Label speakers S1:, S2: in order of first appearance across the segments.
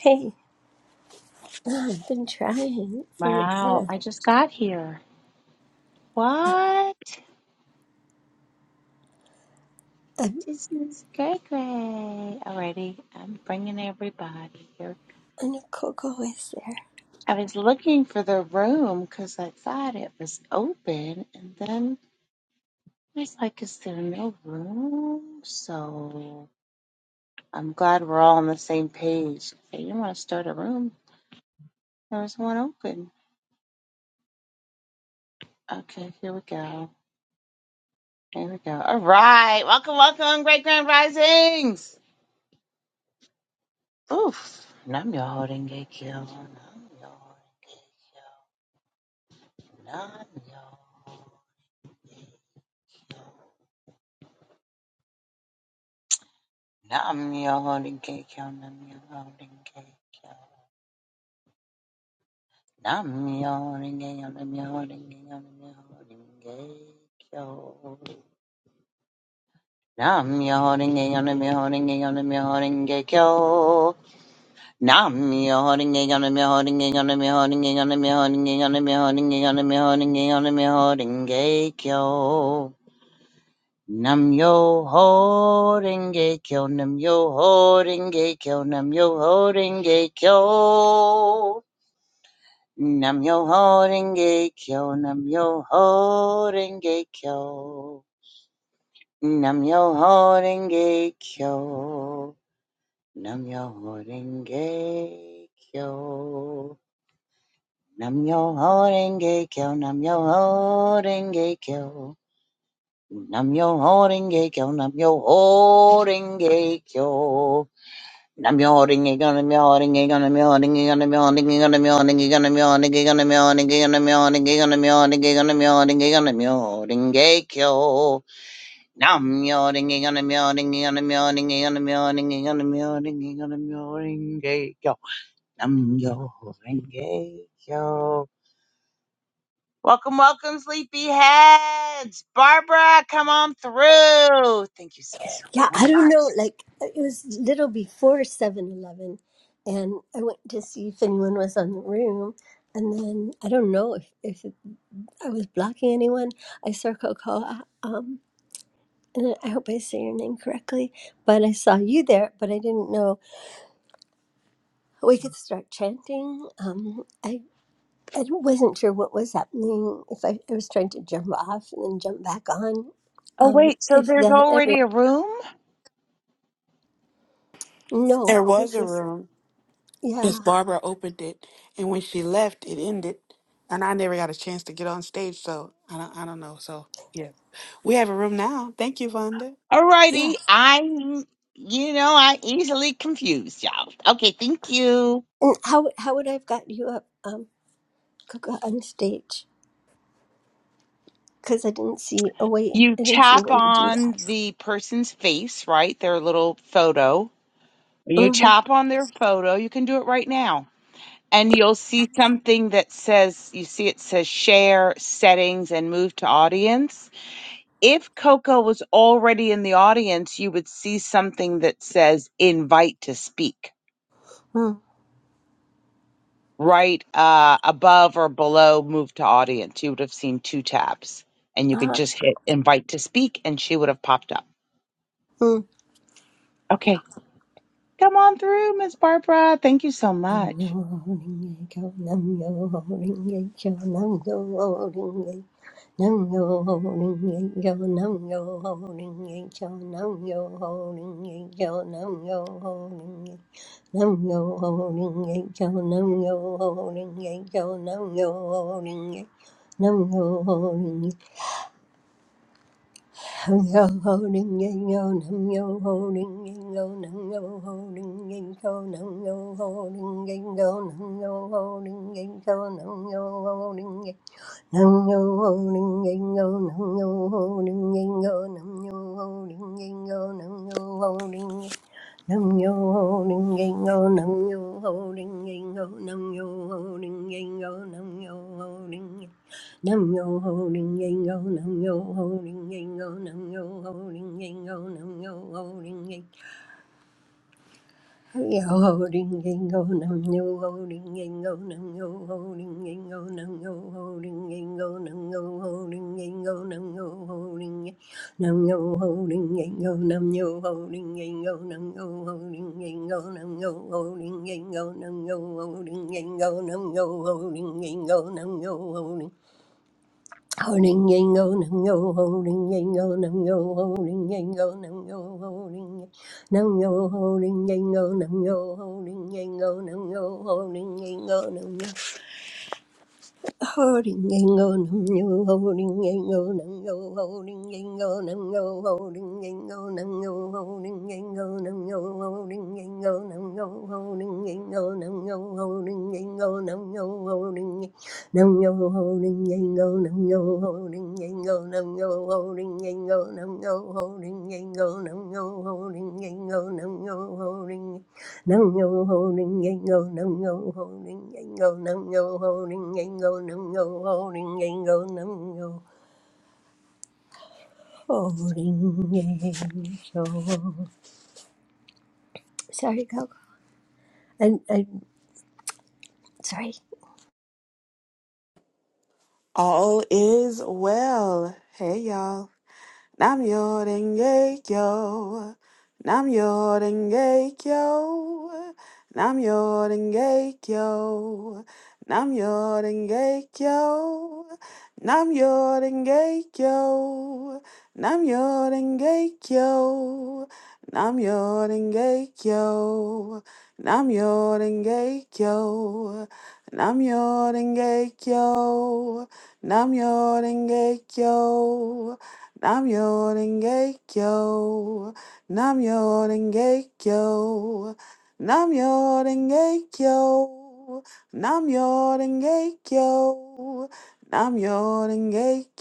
S1: Hey, I've been trying for
S2: Wow,
S1: uh,
S2: I just got here. What? This is great, great. Alrighty, I'm bringing everybody here.
S1: uh, Coco is there.
S2: I was looking for the room because I thought it was open, and then I was like, is there no room? So I'm glad we're all on the same page. I didn't want to start a room. There was one open. Okay, here we go. Here we go. All right, welcome, welcome, Great Grand Risings. Oof. Nam yo holding gay kill. Nam yo holding Nam yo. Nam yo holding gay kill. Nam yo holding gay kill. Nam yo holding gay kill. Nam yo holding gay kill. Nam yo holding gay kill. Nam yo holding gay kill. Nam yo holding gay Nam yo holding gay Nam yo holding gay Nam yo holding gay Nam yo holding gay Nam yo holding gay Nam yo holding gay Nam yo holding gay Nam yo ho renge kyo, nam yo ho renge kyo, nam yo ho renge kyo. Nam yo ho renge kyo, nam yo ho renge kyo. Nam yo ho renge kyo, nam yo ho renge kyo. Nam yo ho renge kyo, nam yo ho renge kyo. Nam yo ho renge kyo, nam yo ho renge kyo. I'm yawning, I'm yawning, I'm yawning, I'm yawning, I'm yawning, I'm yawning, I'm yawning, I'm yawning, I'm yawning, I'm yawning, I'm yawning, I'm yawning, gekyo. I'm yawning, I'm yawning, I'm yawning, I'm yawning, I'm yawning, I'm yawning, gekyo. I'm yawning, gekyo. Welcome, welcome, sleepyheads. Barbara, come on through. Thank you so
S1: Yeah, I
S2: much.
S1: don't know. Like it was little before 7-Eleven, and I went to see if anyone was on the room, and then I don't know if if I was blocking anyone. I saw Coco, um, and I hope I say your name correctly, but I saw you there, but I didn't know. We could start chanting. Um, I. I wasn't sure what was happening. If I, I was trying to jump off and then jump back on,
S2: Oh,
S1: um,
S2: wait, so
S1: if
S2: there's
S1: that ever
S2: already a room?
S1: no,
S3: There was
S1: this
S3: a
S1: is
S3: room. Miss
S1: yeah,
S3: Barbara opened it, and when she left, it ended. And I never got a chance to get on stage, so I don't, I don't know. So yeah, we have a room now. Thank you, Vonda.
S1: yeah.
S2: Alrighty, I, you know, I easily confused y'all. Okay, thank you.
S1: And how how would I have gotten you up, um, Coco, on stage? Because I didn't see a way.
S2: You
S1: I didn't see a
S2: tap
S1: way to do
S2: on
S1: that.
S2: the person's face, right? Their little photo. When you
S1: Mm-hmm.
S2: tap on their photo, you can do it right now. And you'll see something that says, you see it says share settings and move to audience. If Coco was already in the audience, you would see something that says invite to speak.
S1: Mm.
S2: right uh, above or below move to audience, you would have seen two tabs and you could
S1: Uh-huh.
S2: just hit invite to speak and she would have popped up.
S1: Mm-hmm.
S2: Okay, come on through, Miss Barbara. Thank you so
S1: Nam yo
S2: much.
S1: holding a cow, nam yo holding a cow, nam yo holding a nam yo holding a cow, nam yo holding a cow, nam yo holding a cow, nam yo holding a nam yo holding a cow, nam yo holding a cow, nam yo holding a nam yo holding a Nam yo holding, ding yang yo, nam yo holding, ding yang yo, nam yo holding, ding yang yo, nam yo holding, ding yang yo, nam yo holding, ding yang yo, nam yo holding, ding yang nam yo ho ding yang yo, nam yo ho ding yang yo, nam yo ho ding yang yo, nam yo ho ding nam yo ho ding yang yo, nam yo ho ding yang yo, nam yo ho ding yang yo, nam yo ho ding Nam yo ho ring yang yo, nam yo ho ring yang yo, nam yo ho ring yang yo, nam yo ho ring yang yo ho ring yang yo, nam yo ho ring yang yo, nam yo ho ring yang yo, nam yo ho ring yang yo, nam yo ho ring yang yo, nam yo ho ring yang nam yo ho ring yang yo, nam yo ho ring yang yo, nam yo ho ring yang yo, nam yo ho ring yang yo, nam yo ho ring yang yo, nam yo ho ring yang yo, nam yo ho ring Holding yango nango holding yango nango holding yango nango holding nango holding yango nango holding yango nango holding yango nango Holding and go, nam yo, holding and go, nam yo, holding and go, nam yo, holding and go, nam yo, holding and go, nam yo, holding and go, nam yo, holding and go, nam yo, holding and go, nam yo, holding nam yo, holding and go, nam yo, holding and go, nam yo, holding and go, nam yo, holding and go, nam yo, holding and go, nam yo, holding Nung yo ho ning go, nung yo ho ning nung yo ho ning nung yo ho ning nung yo ho ning Sorry, Coco. I, I, sorry.
S3: All is well. Hey, y'all. Nam Yorenge Kyo. Nam Yorenge Kyo. Nam Yorenge Kyo. Nam Yorenge Kyo. Nam Yorenge Kyo. Nam Yorenge Kyo. Nam Yorenge Kyo. Nam Yorenge Kyo. Nam Yorenge Kyo. Nam Yorenge Kyo. Nam Yoden yo. Nam Yoden yo. Nam Yoden yo. Nam Yoden yo. Nam Yoden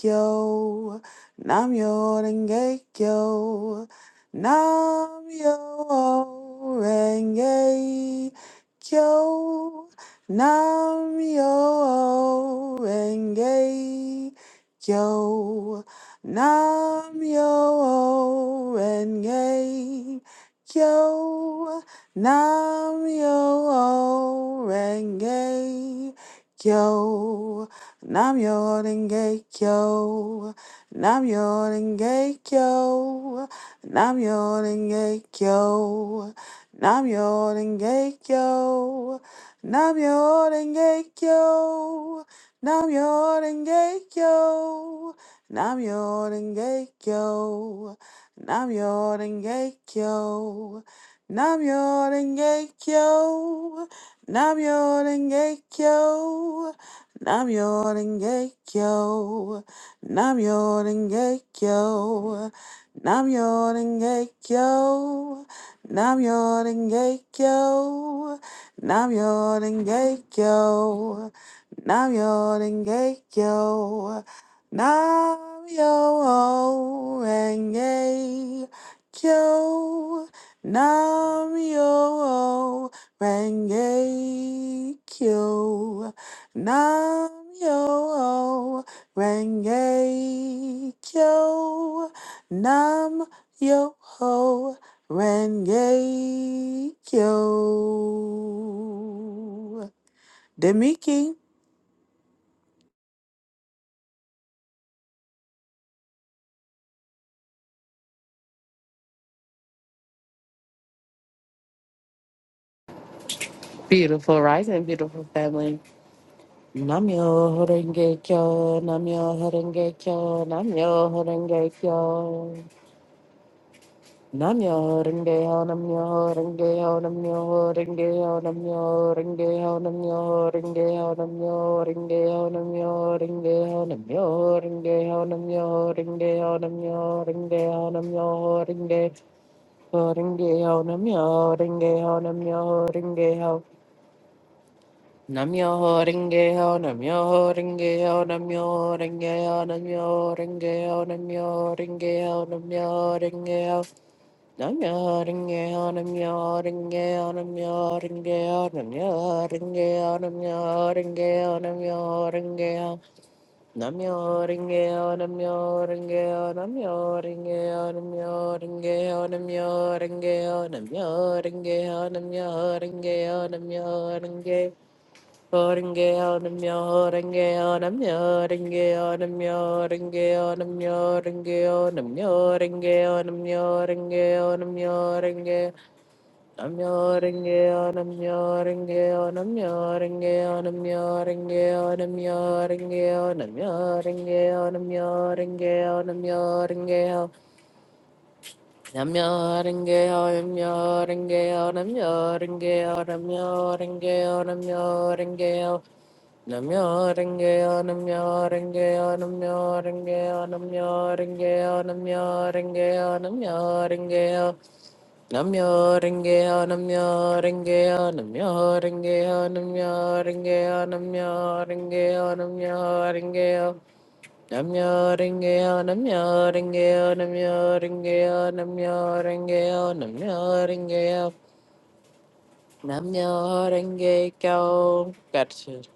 S3: yo. Nam Yoden yo. Nam Yoden yo. Nam Yoden yo. Nam yo renge kyo. Nam yo renge kyo. Nam yo renge kyo. Nam yo renge kyo. Nam yo renge kyo. Nam yo renge kyo. Nam yo renge kyo. Nam yo renge kyo. Namyo Renge Kyo. Namyo Renge Kyo. Namyo Renge Kyo. Namyo Renge Kyo. Namyo Renge Kyo. Namyo Renge Kyo. Namyo Renge Kyo. Namyo Renge Kyo. Namyo Renge Kyo. Namyo Renge Kyo. Namyo Renge Kyo. Namyo Renge Kyo. Namyo Renge Kyo. Nam Yo Ho Renge Kyo. Demiki.
S4: Beautiful rising, beautiful family. Namyo Horenge Kyo, Namyo Horenge Kyo, Namyo Horenge Kyo. Namyo Horenge Ho, Namyo Horenge Ho, Namyo Horenge Ho, Namyo Horenge Ho, Namyo Horenge Ho, Namyo Horenge Ho, Namyo Horenge Ho, Namyo Horenge Ho, Namyo Horenge Ho, Namyo Horenge Ho, Namyo Horenge Ho, Namyo Horenge Ho, Namyo Horenge Ho, Namyo Horenge Ho. Namyo Rengeho, Namyo Rengeho, Namyo Rengeho, Namyo Rengeho, Namyo Rengeho, Namyo Rengeho, Namyo Rengeho, Namyo Rengeho, Namyo Rengeho, Namyo Rengeho, Namyo Rengeho, Namyo Rengeho. Namyo Renge-yo, Namyo Renge-yo, Namyo Renge-yo, Namyo Renge-yo, Namyo Renge-yo, Namyo Renge-yo, Namyo Renge-yo, Namyo Renge-yo. Renge. Renge-yo, Namyo Renge-yo, Namyo Renge-yo, Namyo Renge-yo, Namyo Renge-yo, Namyo Renge-yo, Namyo Renge-yo, Namyo Renge. on a mule, renge on a mule, renge on a mule, renge I'm yawning, yawn, I'm yawning, yawn, I'm yawning, yawn, I'm yawning, yawn, I'm yawning, yawn, I'm yawning, yawn, I'm yawning, yawn, I'm yawning, yawn. Namyo-renge-kyo, namyo-renge-kyo, namyo-renge-kyo, namyo-renge-kyo, namyo-renge-kyo. Namyo-renge-kyo, namyo-renge-kyo, namyo-renge-kyo, namyo-renge-kyo, namyo-renge-kyo, namyo-renge-kyo. Namyo-renge-kyo, namyo-renge-kyo, namyo-renge-kyo, namyo-renge-kyo, namyo-renge-kyo, namyo-renge-kyo. Namyo Renge-yo, Namyo Renge-yo, Namyo Renge-yo, Namyo Renge-yo, Namyo Renge-yo, Namyo Renge-kyo. Gratitude.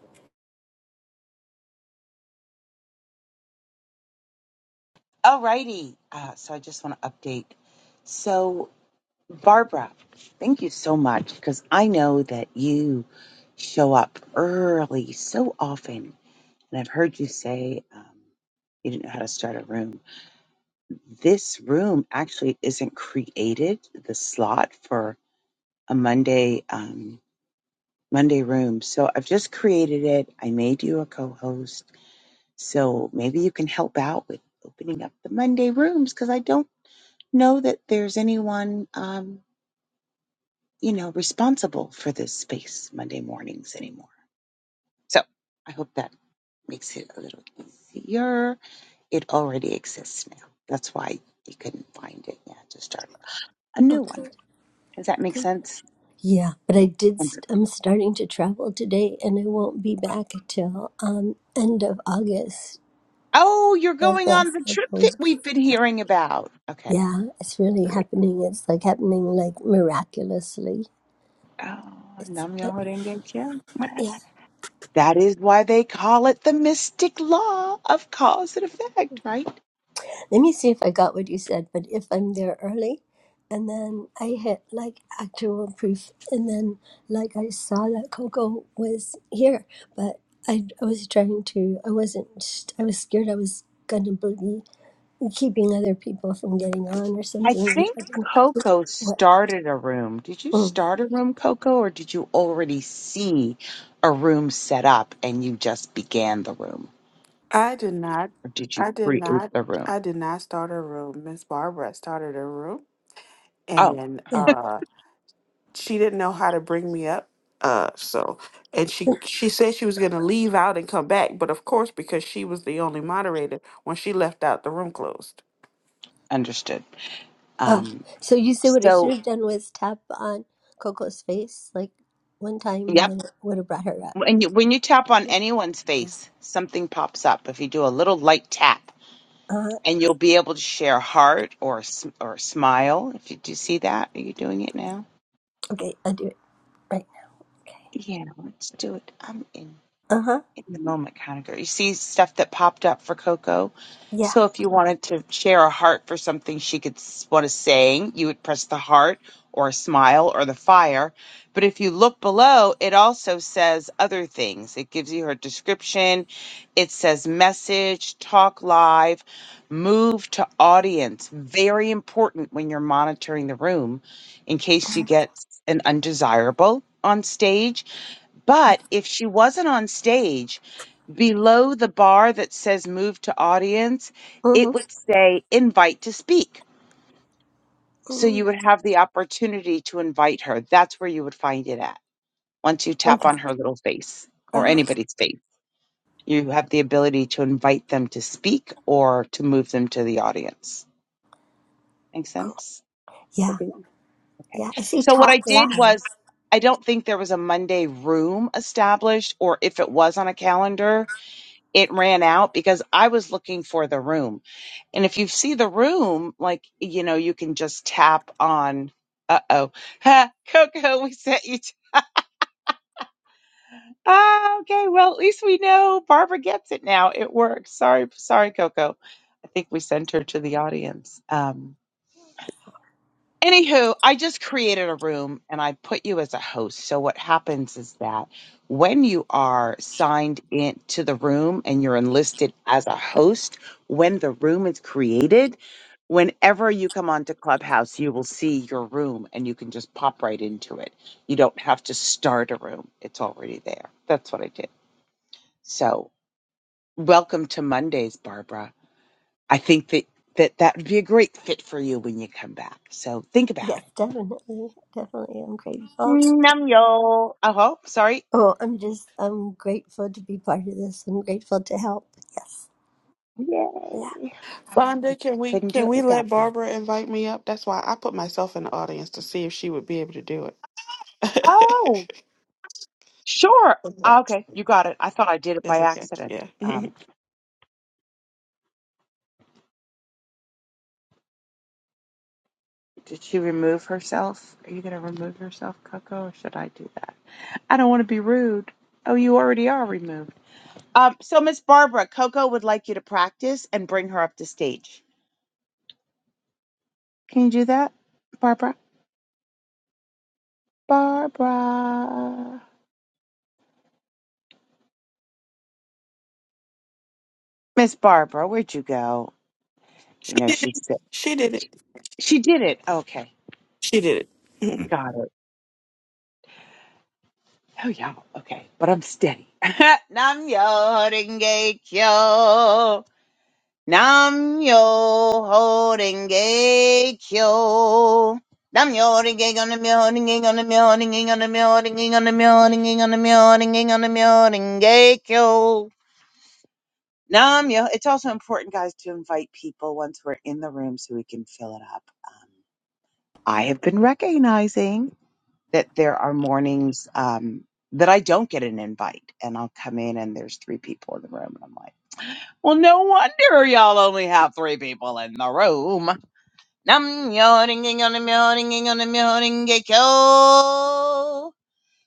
S2: All righty. Uh, so I just want to update. So, Barbara, thank you so much because I know that you show up early so often. And I've heard you say um, you didn't know how to start a room. this room actually isn't created the slot for a Monday um, Monday room. So I've just created it. I made you a co-host, so maybe you can help out with opening up the Monday rooms because I don't know that there's anyone um, you know responsible for this space Monday mornings anymore. So I hope that makes it a little easier. It already exists now. That's why you couldn't find it. Yeah, just start a new
S1: Okay.
S2: one. Does that make
S1: good.
S2: sense?
S1: Yeah, but I did. St- I'm starting to travel today, and I won't be back till um end of August,
S2: Oh, you're
S1: like
S2: going on the
S1: last
S2: trip
S1: couple
S2: that
S1: weeks.
S2: we've been hearing about. Okay,
S1: Yeah, it's really
S2: great.
S1: happening. It's like happening like miraculously.
S2: Oh,
S1: It's
S2: Nam Myoho
S1: yeah.
S2: Renge Kyo. That is why they call it the mystic law of cause and effect, right?
S1: Let me see if I got what you said, but if I'm there early and then I hit like actual proof and then like I saw that Coco was here, but I, I was trying to, I wasn't, I was scared I was gonna be keeping other people from getting on or
S2: I
S1: something.
S2: think
S1: I don't know
S2: Coco
S1: what,
S2: started a room. Did you
S1: oh,
S2: start a room, Coco, or did you already see a room set up and you just began the room?
S3: I did not.
S2: Or did you
S3: I did
S2: create
S3: not.
S2: the room?
S3: I did not start a room. Miss Barbara started a room,
S2: Oh,
S3: and
S1: yeah.
S3: uh, she didn't know how to bring me up. Uh, so, and she she said she was gonna leave out and come back, but of course, because she was the only moderator, when she left out, the room closed.
S2: understood.
S1: Oh,
S2: Um,
S1: so you say what I
S2: so,
S1: should have done was tap on Coco's face like one time
S2: yep.
S1: and then it would have brought her up.
S2: When you, when you tap on anyone's face, something pops up. If you do a little light tap,
S1: Uh,
S2: and you'll be able to share heart or a s- or a smile. If you do you see that, are you doing it now?
S1: okay, I'll do it right now. Okay.
S2: Yeah, let's do it. I'm in.
S1: Uh huh.
S2: in the moment kind of girl. You see stuff that popped up for Coco.
S1: Yeah.
S2: So if you wanted to share a heart for something she could s- what is saying, you would press the heart or a smile or the fire. But if you look below, it also says other things. It gives you her description. It says message, talk live, move to audience. Very important when you're monitoring the room in case you get an undesirable on stage but if she wasn't on stage, below the bar that says move to audience, it
S1: Mhm.
S2: would say invite to speak. So
S1: mm
S2: you would have the opportunity to invite her. That's where you would find it at. Once you tap
S1: Okay.
S2: on her little face or
S1: Ah,
S2: anybody's face, you have the ability to invite them to speak or to move them to the audience. Make
S1: cool.
S2: sense? Obi?
S1: Yeah.
S2: Okay.
S1: Yeah. She
S2: So what I
S1: taught
S2: did
S1: live.
S2: was, I don't think there was a Monday room established, or if it was on a calendar, it ran out because I was looking for the room. And if you see the room, like, you know, you can just tap on, uh oh, ha, Coco, we sent you. To, ah, okay. Well, at least we know Barbara gets it now. It works. Sorry, sorry, Coco. I think we sent her to the audience. Um, Anywho, I just created a room and I put you as a host. So what happens is that when you are signed into the room and you're enlisted as a host, when the room is created, whenever you come onto Clubhouse, you will see your room and you can just pop right into it. You don't have to start a room. It's already there. That's what I did. So welcome to Mondays, Barbara. I think that that, that would be a great fit for you when you come back. So think about it.
S1: Yes, definitely. Definitely. I'm grateful.
S2: Nam yo. Oh, oh, sorry.
S1: Oh, I'm just, I'm grateful to be part of this. I'm grateful to help. Yes. Yeah.
S2: Yay.
S3: Fonda, can we
S2: Couldn't do
S3: can
S2: it
S3: we
S2: without
S3: let
S2: me.
S3: Barbara invite me up? That's why I put myself in the audience to see if she would be able to do it.
S2: Oh, sure.
S3: okay,
S2: Okay, you got it. I thought I did it
S3: that's
S2: by
S3: okay.
S2: accident.
S3: Yeah,
S2: Um, did she remove herself? Are you going to remove yourself, Coco, or should I do that? I don't want to be rude. Oh, you already are removed. Um, so Miss Barbara, Coco would like you to practice and bring her up to stage. Can you do that, Barbara? Barbara, Miss Barbara, where'd you go? You know she's sick.
S3: she did it.
S2: She did it. Okay.
S3: She did it.
S2: Got it. Oh, yeah. Okay. But I'm steady. Nam yo horinge kyo. Nam yo horinge kyo. Nam yo horinge on the horinge on the horinge on the horinge on the horinge on the horinge on the horinge kyo. Nam yo. It's also important, guys, to invite people once we're in the room so we can fill it up. Um, I have been recognizing. that there are mornings um, that I don't get an invite, and I'll come in and there's three people in the room, and I'm like, well, no wonder y'all only have three people in the room. Nam yoringing on a yoringing on a yoringing kyo.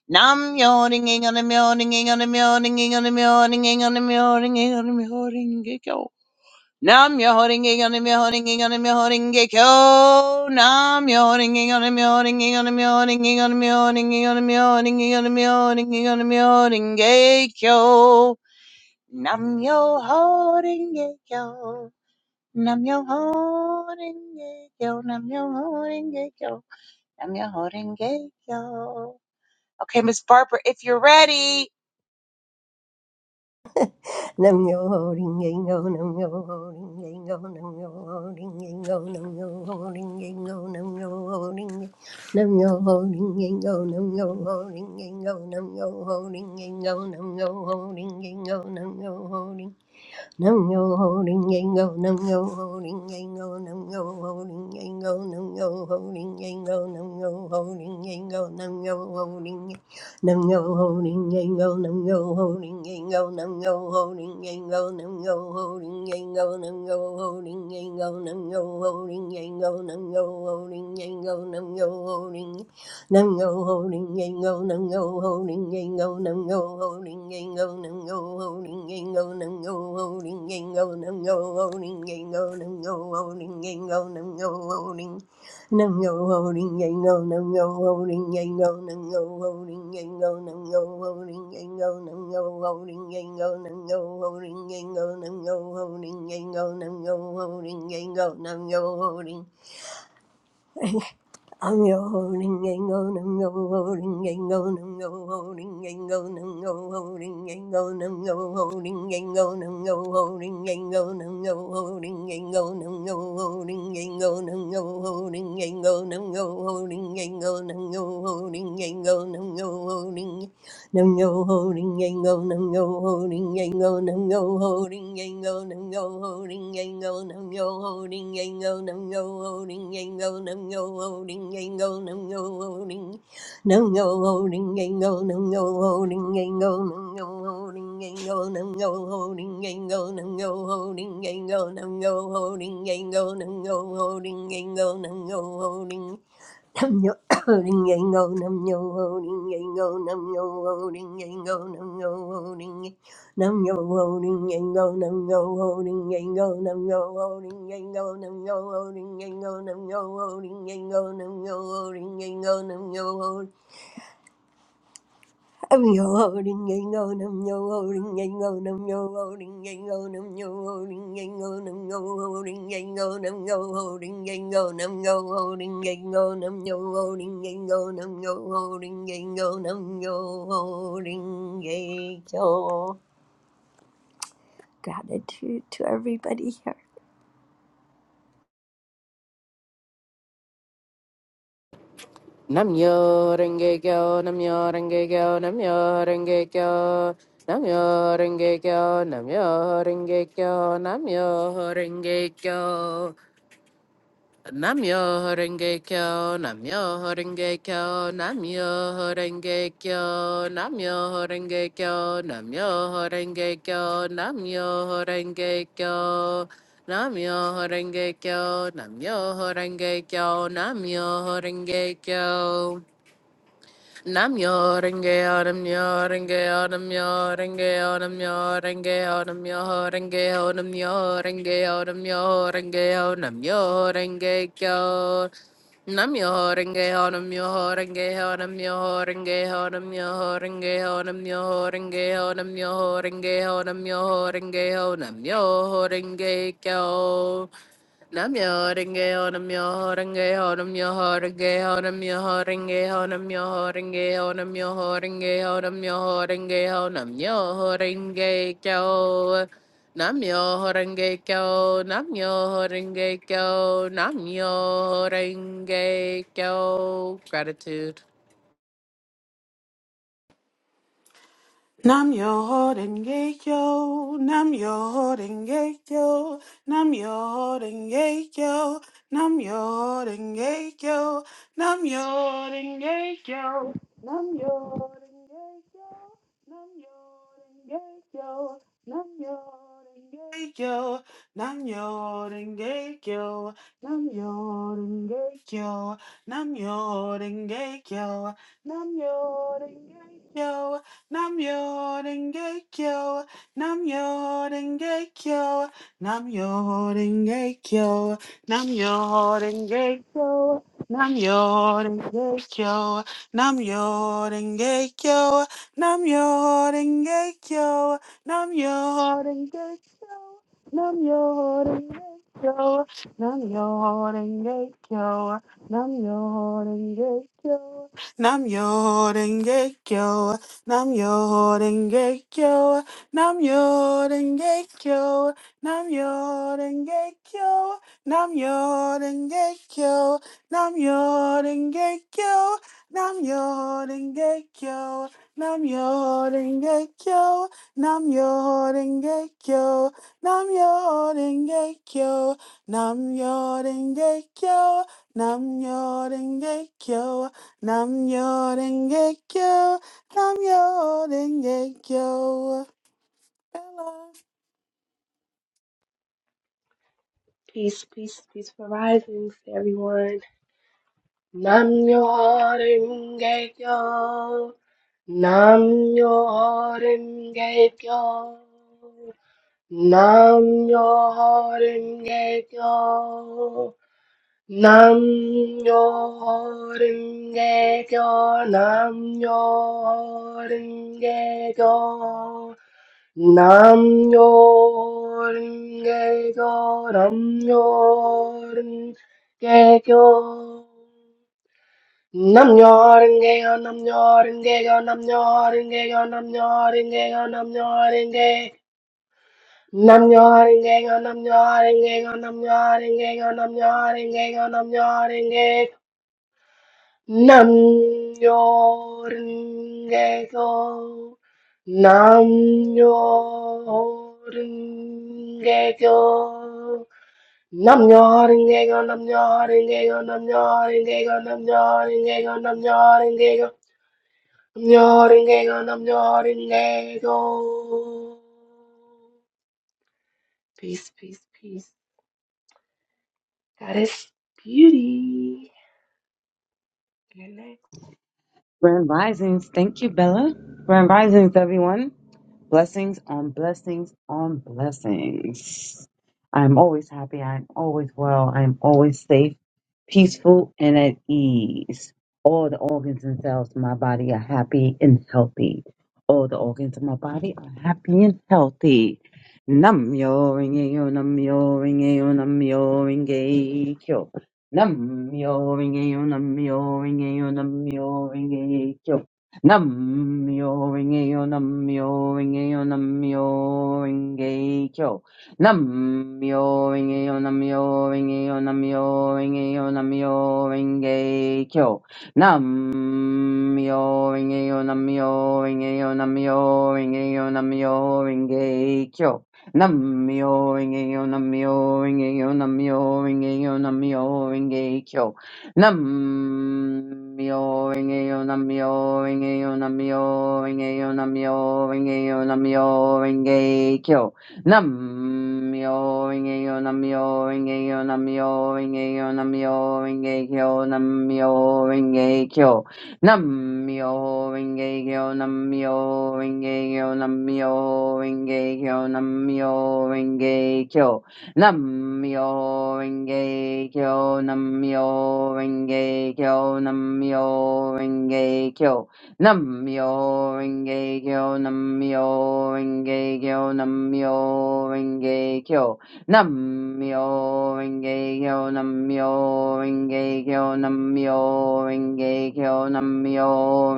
S2: Nam yoringing on a yoringing on a yoringing on a yoringing on a yoringing on a Nam yo horinge on him, yo horinge on him, yo horinge kyo. Nam yo horinge on him, yo horinge on him, yo horinge on him, yo horinge on him, yo horinge on him, yo horinge on him, yo horinge kyo. Nam yo horinge kyo. Nam yo horinge kyo. Nam yo horinge kyo. Nam yo horinge kyo. Okay, Miss Barbara, if you're ready.
S1: Nam yo ho ding ding go, nam yo ho ding ding go, nam yo ho ding ding go, nam yo ho ding ding go, nam yo ho ding ding, nam yo ho ding ding go, nam yo ho ding ding go, nam yo ho ding ding go, nam yo ho ding ding go, nam yo ho ding ding go, Nam yo holding, ring yang go, nam yo holding, ring yang go, nam yo holding, ring yang go, nam yo holding, ring yang go, nam yo holding, ring yang go, nam yo holding, ring nam yo holding, ring yang go, nam yo holding, ring yang go, nam yo holding, ring yang go, nam yo holding, ring yang go, nam yo holding, ring yang go, nam yo holding, ring yang go, nam yo holding, ring yang go, nam yo holding, ring Nam go holding gang go, nam go holding gang go, nam go holding gang go, nam go holding gang go, nam go holding gang go, nam go holding gang go, nam go holding gang go, nam go holding. Nam go holding gang go, nam go holding gang go, nam go holding gang go, nam go holding gang go, nam go holding gang go, nam go holding gang go, nam go holding gang go, nam go holding gang go, nam go holding. I'm your holding and go and go holding and go and go holding and go and go holding and go and go holding and go and go holding and go and go holding and go and go holding and go and go holding and go and go holding and go and go holding and go and go holding Nam yo ho ring yang go, nam yo ho ring yang go, nam yo ho ring yang go, nam yo ho ring yang go, nam yo ho ring yang go, nam yo ho ring yang go, nam yo ho ring yang go, nam yo ho ring. No no holding gango, no no holding gango, no no holding gango, no no holding gango, no no holding gango, no no holding gango, no no holding gango, no no holding. Nam yo holding yang go nam yo holding yang go nam yo holding yang go nam yo holding nam yo holding yang go nam yo holding yang go nam yo holding yang go nam yo holding yang go nam yo holding yang go nam yo holding yang go nam yo holding I'm yo holding yang go nam yo holding yang go nam yo holding yang go nam yo holding yang go nam yo holding yang go nam yo holding yang go nam yo holding yang go nam yo holding yang go nam yo holding yang go nam yo holding yang go gratitude to everybody here
S4: Namyo Renge-kyo, Namyo Renge-kyo, Namyo Horenge Kyo, Namyo Horenge Kyo, Namyo Horenge Kyo, Namyo Horenge Kyo, Namyo Horenge Kyo, Namyo Horenge Kyo, Namyo Horenge Kyo, Namyo Horenge Kyo, Namyo Horenge Kyo. Nam yo renge autumn yo renge autumn yo renge autumn yo renge autumn yo renge autumn yo renge autumn yo renge autumn yo renge kyo Nam yo renge autumn yo renge autumn yo renge autumn yo renge autumn yo renge autumn yo renge autumn yo renge autumn yo renge kyo Namjoringe, namjoringe, namjoringe, namjoringe, namjoringe, namjoringe, namjoringe, namjoringe, kyo. Namjoringe, kyo, namjoringe, kyo, namjoringe, kyo. Gratitude.
S3: Nam yo denge yo, nam yo denge yo, nam yo denge yo, nam yo denge yo, nam yo denge yo, nam yo denge yo, nam yo denge yo, nam yo denge yo, nam yo denge yo, nam yo denge yo, nam yo denge yo, nam yo denge yo. Namyo Renge Kyo, Namyo Renge Kyo, Namyo Renge Kyo, Namyo Renge Kyo, Namyo Renge Kyo, Namyo Renge Kyo, Namyo Renge Kyo, Namyo Renge Kyo, Namyo Renge Kyo, Namyo Renge Kyo, Namyo Renge Kyo, Namyo Renge Kyo. Nam yo denge kyo. Nam yo denge kyo. Nam yo denge kyo. Nam yo denge kyo. Nam yo denge kyo. Nam yo denge kyo. Nam yo denge kyo. Nam yo denge kyo. Nam yo denge kyo. Nam yo denge kyo. Nam yo denge kyo. Nam yo denge kyo. Nam yo denge kyo.
S5: Peace, peace, peaceful risings to everyone. Nam yo harim yo. Nam yo harim yo. Nam yo harim yo. Nam yo harim yo. Nam yo harim yo. 남요린 개교 남요린 개교 남요린 개교 남요린 개교 남요린 개교 남요린 개교 남요린 개 남요린 개교 남요린 개교 남요린 개교 남요린 개교 남요린 개 Nam yo ringe go. Nam yo ringe go. Nam yo ringe go. Nam yo ringe go. Nam yo ringe go. Nam yo ringe go. Nam yo ringe go. Nam yo ringe go. Nam yo ringe go. Peace, peace, peace. That is beauty. Good night.
S6: Grand Risings. Thank you, Bella. Grand Risings, everyone. Blessings on blessings on blessings. I'm always happy. I'm always well. I'm always safe, peaceful, and at ease. All the organs and cells in my body are happy and healthy. All the organs of my body are happy and healthy. Nam yo ringe yo nam yo ringe yo nam yo ringe kyo. Nam yo ringe yo nam yo ringe yo nam yo ringe kyo. Namyo Rinkeyo, Namyo Rinkeyo, Namyo Rinkeyo. Namyo Rinkeyo, Namyo Rinkeyo, Namyo Rinkeyo, Namyo Rinkeyo. Namyo Rinkeyo, Namyo Rinkeyo, Namyo Rinkeyo, Namyo Rinkeyo. Namyo Rinkeyo, Namyo Rinkeyo, Namyo Rinkeyo, Namyo Rinkeyo. Namyo Rengeyo Namyo Rengeyo Namyo Rengeyo Namyo Rengeyo Namyo Renge Kyo Namyo Rengeyo Namyo Rengeyo Namyo Rengeyo Namyo Renge Kyo Namyo Renge Kyo Namyo Renge Kyo Namyo Renge Kyo Namyo Renge Kyo Namyo Renge Kyo Namyo Renge Kyo, Namyo Renge Kyo, Namyo Renge Kyo, Namyo Renge Kyo, Namyo Renge Kyo, Namyo Renge Kyo, Namyo Renge Kyo, Namyo Renge Kyo, Namyo Renge Kyo, Namyo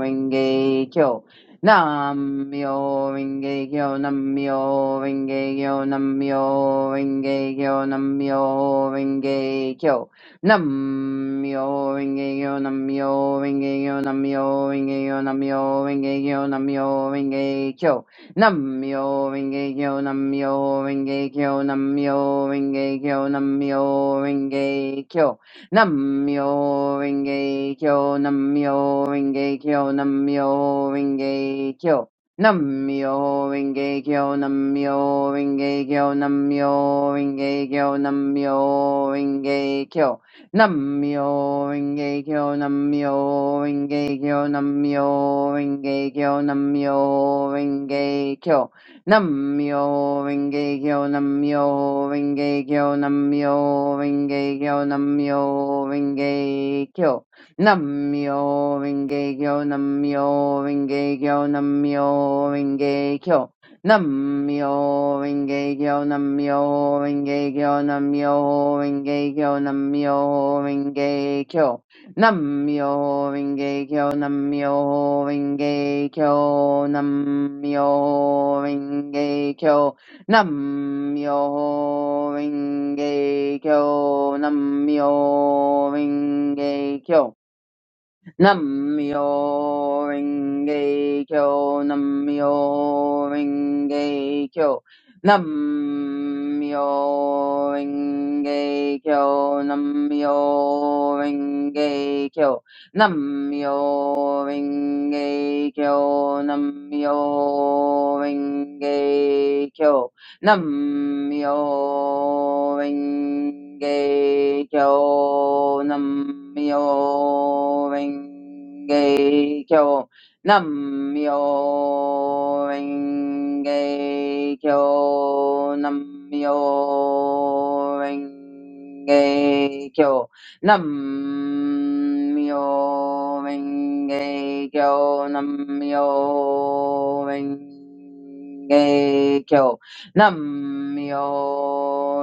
S6: Renge Kyo. Namyo Rengekyo Namyo Rengekyo Namyo Rengekyo Namyo Rengekyo Namyo Rengekyo Namyo Rengekyo Namyo Rengekyo Namyo Rengekyo Namyo Rengekyo Namyo Rengekyo Namyo Rengekyo Namyo Rengekyo Namyo Rengekyo Namyo Renge Kyo, Namyo Renge Kyo, Namyo Renge Kyo. Namyo Renge Kyo, Namyo Renge Kyo, Namyo Renge Kyo, Namyo Renge Kyo. Namyo Renge Kyo, Namyo Renge Kyo, Namyo Renge Kyo, Namyo Renge Kyo. Namyo Renge Kyo Namyo Renge Kyo Namyo Renge Kyo Namyo Renge Kyo Namyo Renge Kyo Namyo Renge Kyo Namyo Renge Kyo Namyo Renge Kyo Namyo Renge Kyo Namyo Renge Kyo Namyo Renge Kyo Namyo Renge Kyo, Namyo Renge Kyo, Namyo Renge Kyo, Namyo Renge Kyo, Namyo Renge Kyo. Namyo Renge Kyo, Namyo Renge Kyo, Namyo Renge Kyo, Namyo Renge Kyo, Namyo Renge Kyo, Namyo Renge Kyo, Namyo Renge Kyo Nam Myo Renge Kyo Nam Myo Renge Kyo Nam Myo Renge Kyo Nam Myo Renge Kyo Nam Myo Renge Kyo. Namyo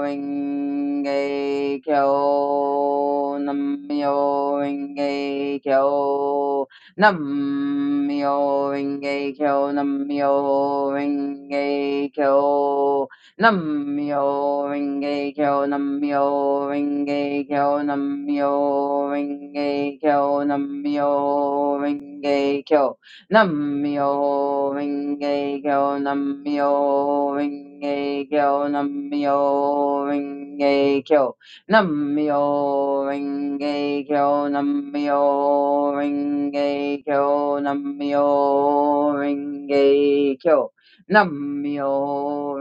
S6: Renge Kyo. Namyo Renge Kyo. Namyo Renge Kyo. Namyo Renge Kyo. Namyo Renge Kyo. Namyo Renge Kyo. Namyo Renge Kyo. Namyo Renge Kyo. Namyo Renge Kyo Namyo Renge Kyo Namyo Renge Kyo Namyo Renge Kyo Namyo Renge Kyo Namyo Renge Kyo Namyo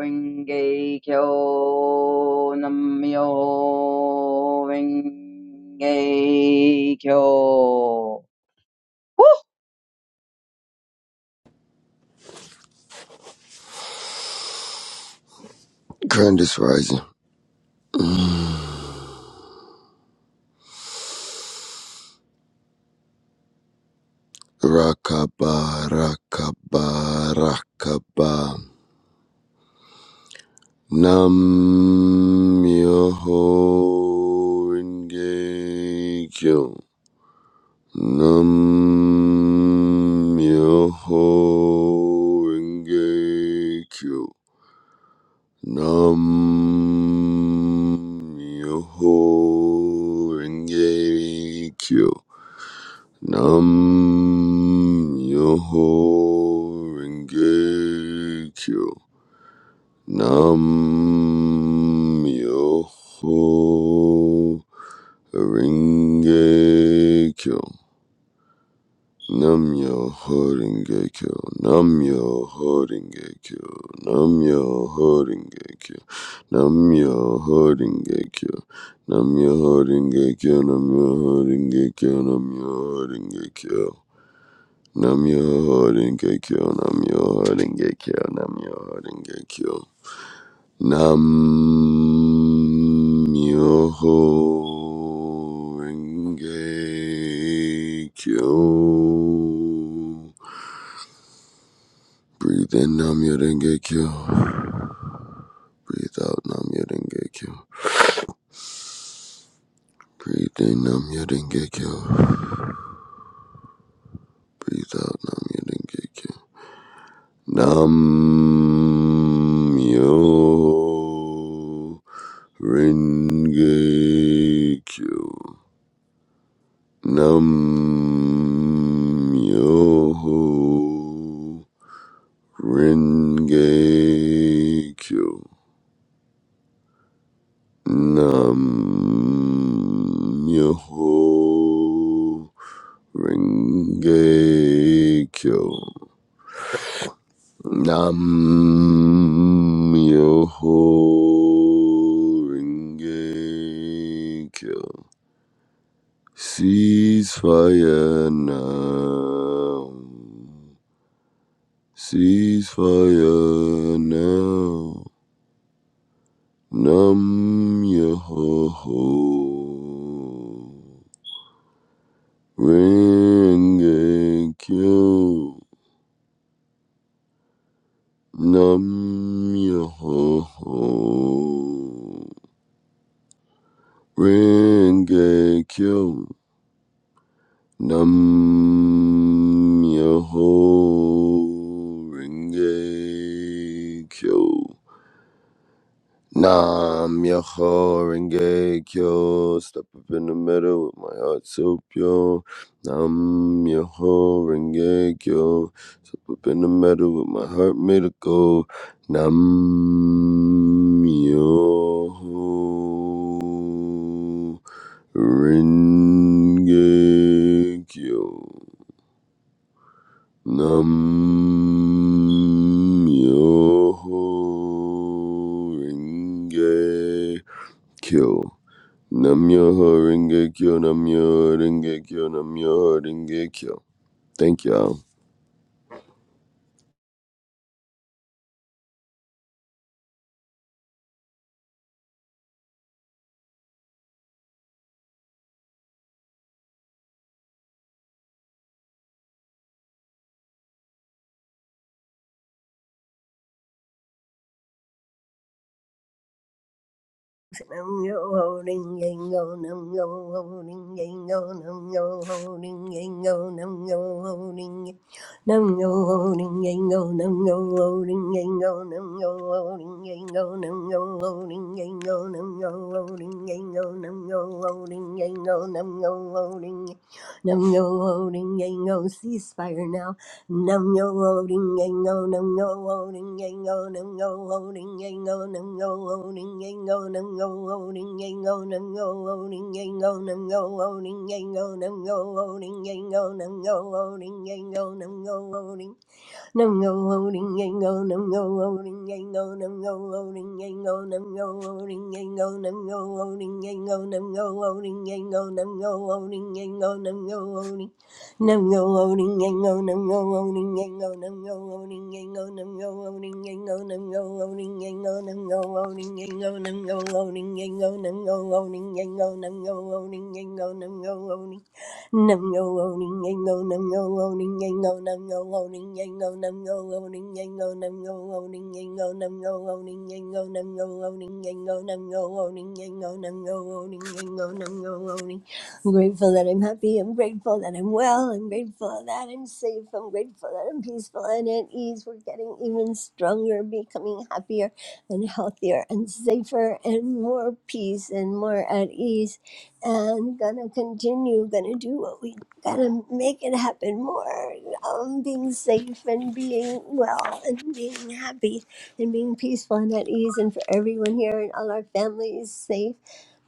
S6: Renge Kyo Namyo Renge Kyo
S7: Grand is rising. Rakaba, rakaba, rakaba. Nam yoho inge kyo. Nam yoho inge kyo. Nam yoho inge kyo. Nam Yoho Renge Kyo. Nam myoho Renge Kyo. Nam myoho Renge Kyo. Nam myoho Renge Kyo. Nam myoho Renge Kyo. Nam myoho Renge Kyo. Nam myoho Renge Kyo. Nam myoho Renge Kyo. Nam myoho Renge Kyo. Namyo Horengekyo, Namyo Horengekyo, Namyo Horengekyo. Nam Myoho Renge Kyo. Breathe in Nam Renge Kyo. Breathe out Nam Renge Kyo. Breathe in Nam Renge Kyo. Breathe out Nam Renge Kyo. Nam Yo Renge Kyo. Nam Yo Renge Kyo. Nam Yo Renge Kyo. Nam Myoho Renge Kyo. Ceasefire now. Ceasefire now. Nam Myoho Renge Kyo. Nam Myoho Renge Kyo. Nam Myoho Renge Kyo. Nam Myoho Renge Kyo. Step up in the middle with my heart so pure. Nam Myoho Renge Kyo. Step up in the middle with my heart made of gold. Nam Myoho Renge Kyo. Nam Myoho Renge Kyo. Nam Myoho Renge Kyo. Nam Myoho Renge Kyo. Nam Myoho Renge Kyo. Thank y'all.
S1: Nam yo ho ding yang go nam yo ho ding yang go nam yo ho ding yang go nam yo ho ding yang- Nam yo ho ding yang go nam yo ho ding yang go nam yo ho ding yang go nam yo ho ding yang go nam yo ho ding yang go nam yo ho ding yang go nam yo ho ding Nam yo ho ding yang go ceasefire now Nam yo holding yang go, nam yo holding yang go, nam yo holding yang go, nam yo holding yang go, nam yo holding yang go, nam yo holding yang go, nam yo holding yang go, nam yo holding yang go, nam yo holding yang go, nam yo holding Nam go holding yang go, nam go holding yang go, nam go holding yang go, nam go holding yang go, nam go holding yang go, nam go holding yang go, nam go holding yang go, nam go holding. Nam go holding yang go, nam go holding yang go, nam go holding yang go, nam go holding yang go, nam go holding yang go, nam go holding yang go, nam go holding yang go, nam go holding yang go, nam go holding yang go, nam go holding. Nam yo owning yango, nam yo owning yango, nam yo owning yango, nam yo owning yango, nam yo owning yango, nam yo owning yango, nam yo owning yango, nam yo owning yango, nam yo owning yango, nam yo owning. I'm grateful that I'm happy. I'm grateful that I'm well. I'm grateful that I'm safe. I'm grateful that I'm peaceful and at ease. We're getting even stronger, becoming happier and healthier and safer and more peace and more at ease and gonna continue gonna do what we gotta make it happen more um being safe and being well and being happy and being peaceful and at ease and for everyone here and all our families safe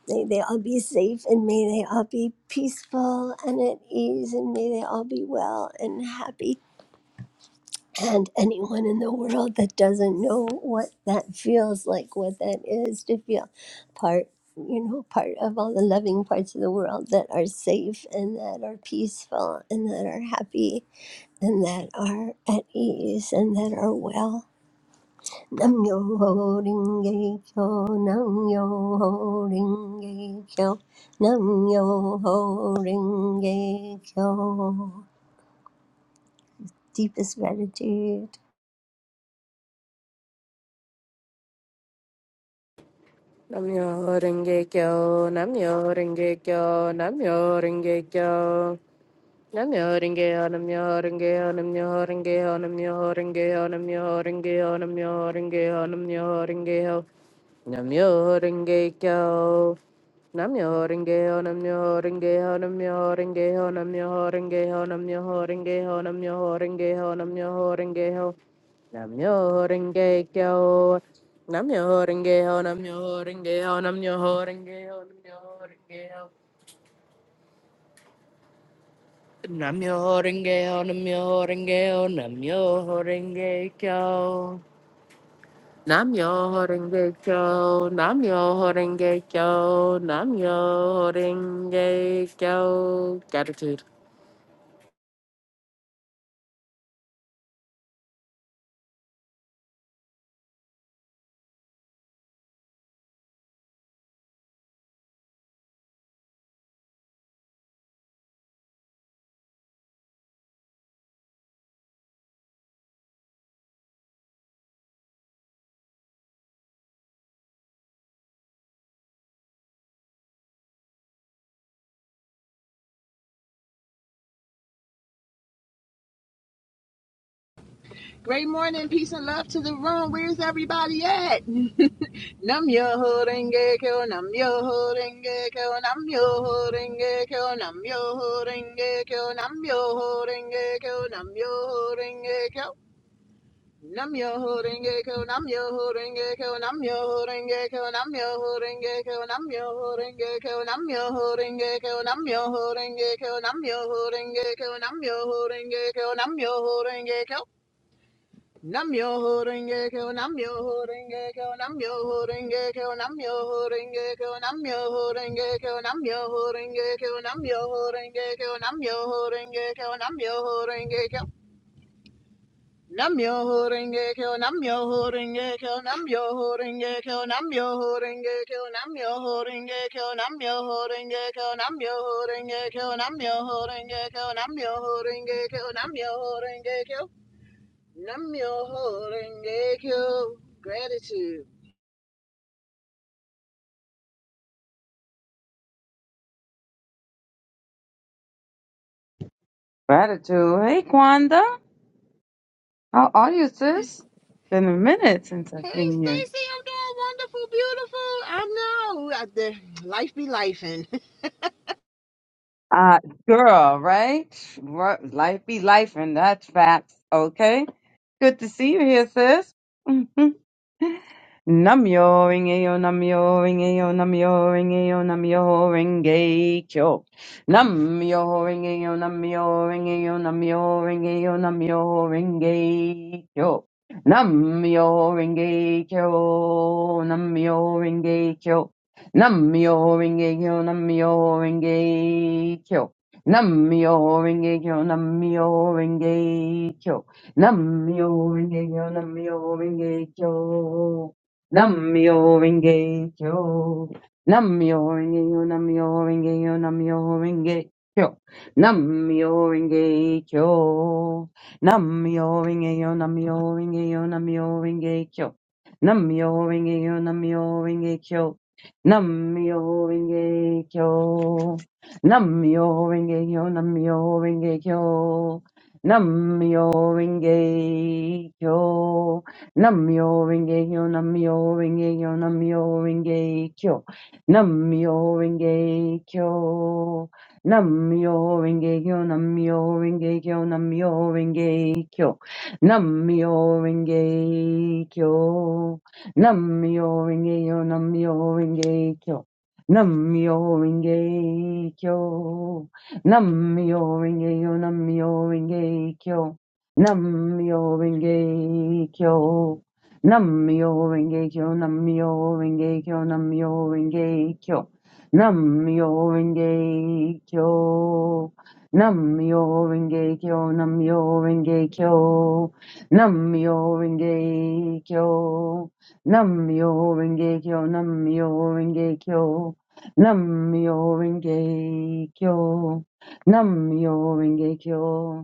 S1: may they all be safe and may they all be peaceful and at ease and may they all be well and happy and anyone in the world that doesn't know what that feels like, what that is to feel part, you know, part of all the loving parts of the world that are safe and that are peaceful and that are happy and that are at ease and that are well. Nam yo ho ring kyo, nam yo ho ring kyo, nam yo ho ring kyo. Deepest gratitude.
S4: Namjoringe, kyo, namjoringe, kyo, namjoringe, kyo. Namjoringe on a mjoringe on a mjoringe on a mjoringe on a mjoringe on a mjoringe on a mjoringe on Namjoringe kyo. Namjoringe on a mjoringe on a mjoringe on a mjoringe on a mjoringe on a mjoringe on a mjoringe on Namjoringe kyo. Namjoringe on a mjoringe on a mjoringe on Namyo Renge-kyo, Namyo Renge-kyo, Namyo Renge-kyo. Namyo Renge-kyo, Namyo Renge-kyo, Namyo Renge-kyo. Gratitude.
S8: Great morning, peace and love to the room. Where's everybody at? Nam yo holding gecko, nam yo holding gecko, nam yo holding gecko, nam yo holding gecko, nam yo holding gecko, nam yo holding gecko. Nam yo holding gecko, nam yo holding gecko, nam yo holding gecko, nam yo holding gecko, nam yo holding gecko, nam yo holding gecko, nam yo holding gecko, nam yo holding gecko, nam yo holding gecko, nam yo holding gecko. Namyo Renge Kyo, Namyo Renge Kyo, Namyo Renge Kyo, Namyo Renge Kyo, Namyo Renge Kyo, Namyo Renge Kyo, Namyo Renge Kyo, Namyo Renge Kyo, Namyo Renge Kyo. Namyo Renge Kyo, Namyo Renge Kyo, Namyo Renge Kyo, Namyo Renge Kyo, Namyo Renge Kyo, Namyo Renge Kyo, Namyo Renge Kyo, Namyo Renge Kyo, Namyo Renge Kyo, Namyo Renge Kyo. Namyo Horengekyo. Gratitude.
S6: Gratitude. Hey, Kwanda. How are you, sis? Been a minute since I've
S8: Hey,
S6: seen you.
S8: Stacy, I'm doing wonderful, beautiful. I know. I, the, life be life.
S6: Uh, girl, right? Wor- Life be life, and that's facts. Okay. Good to see you here, sis. Namyo Rengeyo Namyo Rengeyo Namyo Rengeyo Namyo Renge Kyo. Namyo Rengeyo Namyo Rengeyo Namyo Rengeyo Namyo Renge Kyo. Namyo Renge Kyo. Namyo Renge Kyo. Namyo Renge Kyo. Namyo Renge Kyo. Namyo Renge Kyo. Namyo Renge Kyo. Namyo Renge Kyo. Namyo Renge Kyo. Namyo Renge Kyo. Namyo Renge Yo, Namyo Renge Yo, Namyo Renge Kyo. Namyo Renge Kyo. Namyo Renge Yo, Namyo Renge Yo, Namyo Renge Kyo. Namyo Renge Yo, Namyo Renge Kyo. Namyo Renge Kyo. Namyo Renge Yo, Namyo Renge Kyo. Namyo Renge Kyo. Namyo Renge-kyo, Namyo Renge-kyo, Namyo Renge-kyo, Namyo Renge-kyo, Namyo Renge-kyo, Namyo Renge-kyo, Namyo Renge-kyo, Namyo Renge-kyo, Namyo Renge-kyo, Namyo Renge-kyo, Namyo Renge-kyo, Namyo Renge-kyo, Namyo Renge-kyo, Namyo Renge Kyo. Namyo Renge Kyo. Namyo Renge Kyo. Namyo Renge Kyo. Namyo Renge Kyo. Namyo Renge Kyo. Namyo Renge Kyo. Namyo Renge Kyo. Namyo Renge Kyo. Namyo Renge Kyo. Namyo Renge Kyo. Namyo Renge Kyo.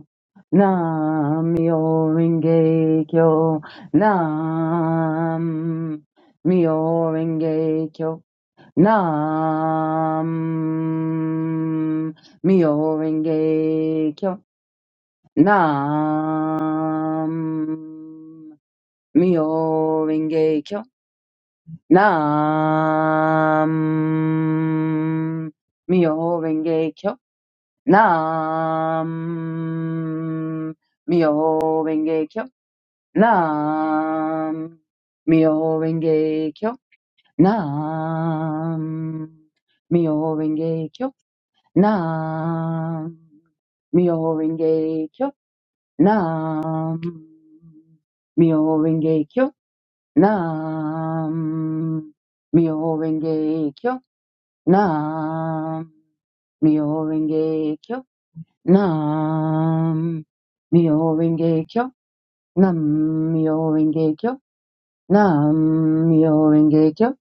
S6: Nam myo Myoho Kyo Nam Myoho Kyo Nam Myoho Kyo Nam Myoho Kyo Nam Myoho Kyo Nam Myoho Kyo Nam Myoho Renge Kyo. Nam Myoho Renge Kyo. Nam Myoho Renge Kyo. Nam Myoho Renge Kyo. Nam Myoho Renge Kyo. Nam Myoho Renge Kyo. Nam Myoho Renge Kyo. Nam Myoho Renge Kyo. Nam Myoho Renge Kyo.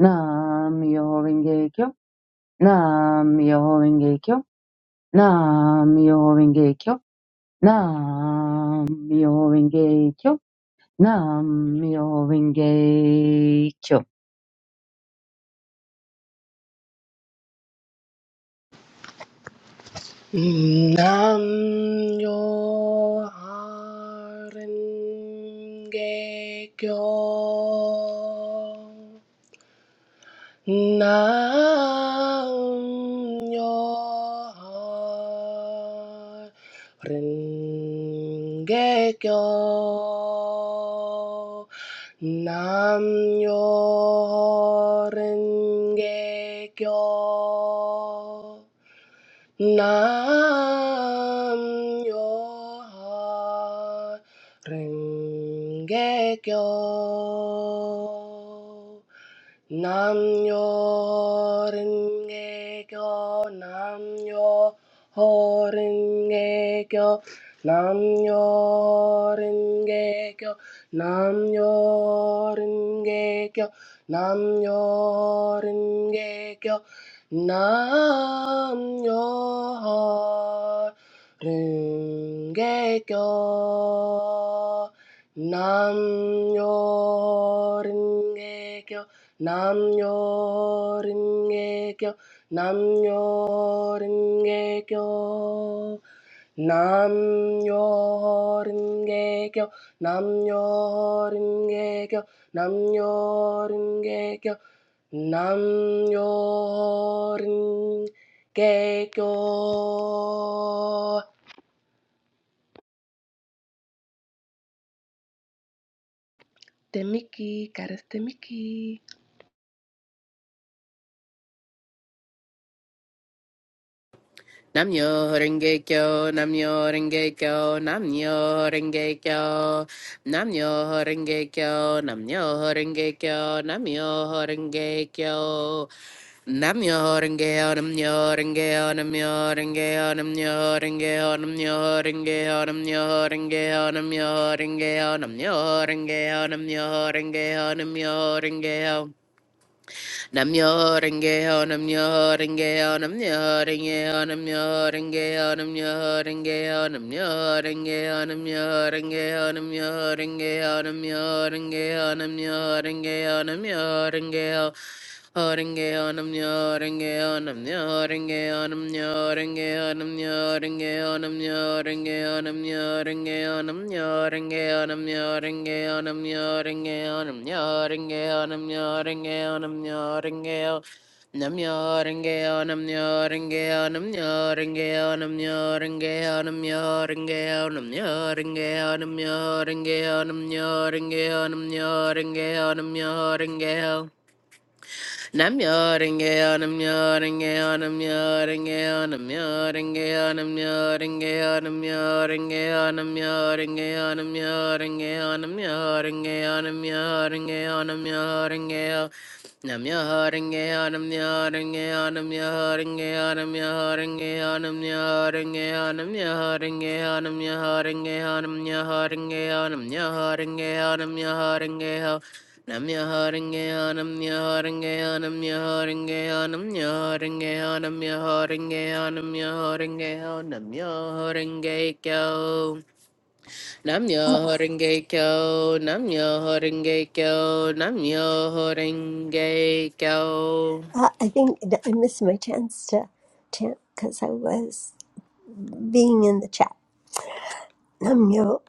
S6: Nam Myoho Renge Kyo. Nam Myoho Renge Kyo. Nam Myoho Renge Kyo. Nam Myoho Renge Kyo. Nam Myoho Renge Kyo.
S5: Nam yo harenge kyo. Nam yo harenge kyo. Nam yo harenge kyo. Nam yo renge kyo. Nam yo ringe kyo, nam yo ho ringe kyo, nam yo kyo, nam yo kyo, nam yo kyo, nam yo kyo, nam yo kyo. Namnyo Ringe Kyo, Namnyo Ringe Kyo, Namnyo Ringe Kyo, Namnyo Ringe Kyo, Namnyo Ringe Kyo, Namnyo Ringe Kyo. Demiki, goddess Demiki,
S4: Namyo Renge Kyo, Namyo Renge Kyo, Namyo Renge Kyo, Namyo Renge Kyo, Namyo Renge Kyo, Namyo Renge Kyo. Nam yo renge onam yo renge onam yo renge onam yo renge onam yo renge onam yo renge onam yo renge onam yo renge onam yo renge onam yo renge Namyo renge ho, namyo renge ho, namyo renge ho, namyo renge ho, namyo renge ho, namyo renge ho, namyo renge ho, namyo renge ho, namyo renge ho, namyo renge ho, namyo renge ho. Haringe onam nyaringe onam nyaringe onam nyaringe onam nyaringe onam Nam nam ringa ringa nam nam ringa ringa nam nam ringa ringa nam nam ringa ringa nam nam ringa ringa nam nam ringa ringa nam nam ringa ringa nam nam ringa ringa nam nam ringa ringa nam nam ringa ringa nam nam ringa ringa nam nam ringa ringa nam nam ringa ringa Nam yoring on a muring on a muring on a muring on a muring on a muring on a muring on a muring on a muring on a muring on a muring nam Namjöringeyo, namjöringeyo, namjöringeyo, namjöringeyo, namjöringeyo, namjöringeyo, namjöringeyo, namjöringeyo, namjöringeyo, namjöringeyo, namjöringeyo. Namjöringeyo, namjöringeyo, namjöringeyo, namjöringeyo, namjöringeyo, namjöringeyo, namjöringeyo, namjöringeyo, namjöringeyo, namjöringeyo. നമ്യഹാരിംഗയാനം ന്യഹാരിംഗയാനം ന്യഹാരിംഗയാനം ന്യഹാരിംഗയാനം ന്യഹാരിംഗയാനം ന്യഹാരിംഗയാ നമ്യഹാരിംഗൈക്യോ നമ്യഹാരിംഗൈക്യോ നമ്യഹാരിംഗൈക്യോ നമ്യഹാരിംഗൈക്യോ
S1: Uh, I think that I missed my chance to chant because I was being in the chat. Nam yo,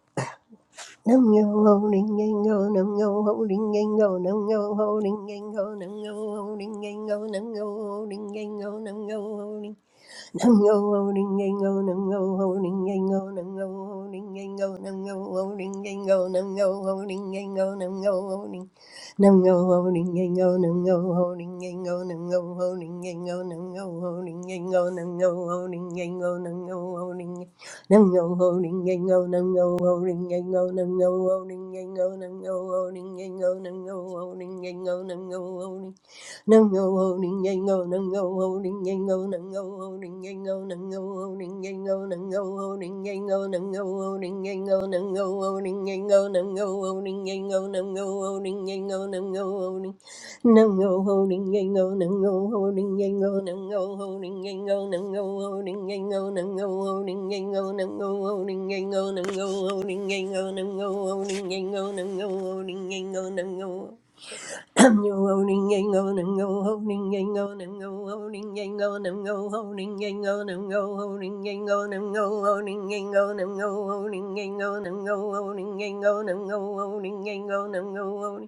S1: nam yo, holding and go, nam yo, holding and go, nam yo, holding and go, nam yo, holding and go, nam yo, holding and go, nam yo, holding. Nungo holding yango, nungo holding yango, nungo holding yango, nungo holding yango, nungo holding yango, nungo holding. Nungo holding yango, nungo holding yango, nungo holding yango, nungo holding yango, nungo holding yango, nungo holding. Nungo holding yango, nungo holding yango, nungo holding yango, nungo holding yango, nungo holding yango, nungo holding. Nungo holding yango, nungo holding yango, nungo holding yango, nungo holding yango, nungo holding yango, nungo holding yango, nungo holding yango, nungo holding yango, nungo holding yango, nungo holding. No go holding yango, no go holding yango, no go holding yango, no go holding yango, no go holding yango, no go holding yango, no go holding yango, no go holding yango, no go holding yango, no go I'm no holding and go and go holding and go and go holding and go and go holding and go and go holding and go and go holding and go and go holding and go and go holding and go and go holding and go and go holding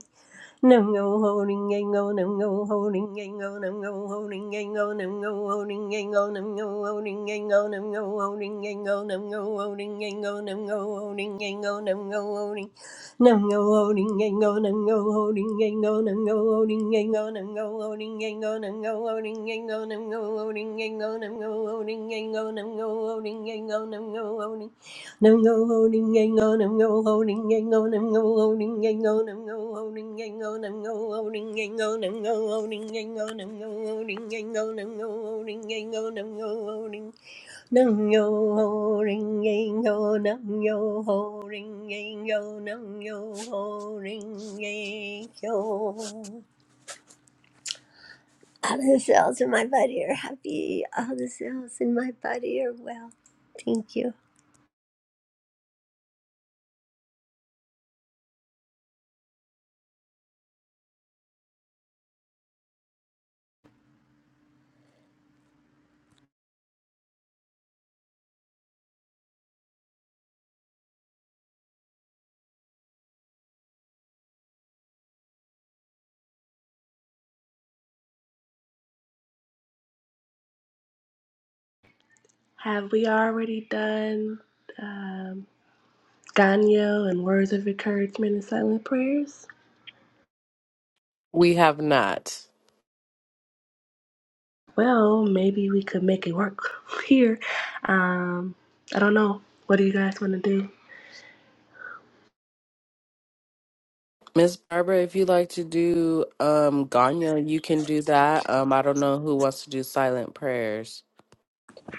S1: Nam ngô ho ring ngay ngô nam ngô ho ring ngay ngô nam ngô ho ring ngay ngô nam ngô ho ring ngay ngô nam ngô ho ring ngay ngô nam ngô ho ring ngay ngô nam ngô ho ring ngay ngô nam ngô ho ring ngay ngô nam ngô ho ring nam ngô holding, ring ngay ngô nam ngô holding, ring ngay ngô nam ngô holding, ring ngay ngô nam ngô holding, ring ngay ngô nam ngô holding, ring ngay ngô nam ngô holding, ring ngay ngô nam ngô holding, ring ngay ngô nam ngô holding, ring ngay ngô nam ngô holding, ring Nam go holding yang go nam go holding yang go nam go holding yang go nam go holding yang go nam go holding yang go nam go holding yang go nam go holding yang go nam go holding yang go nam go holding nam go holding yang go nam go holding yang go nam go holding yang go all the cells in my body are happy all the cells in my body are well thank you
S5: have we already done? um, Ganyo and words of encouragement and silent prayers.
S4: We have not.
S5: Well, maybe we could make it work here. Um, I don't know. What do you guys want to do?
S4: Miss Barbara, if you'd like to do um Ganya, you can do that. Um I don't know who wants to do silent prayers.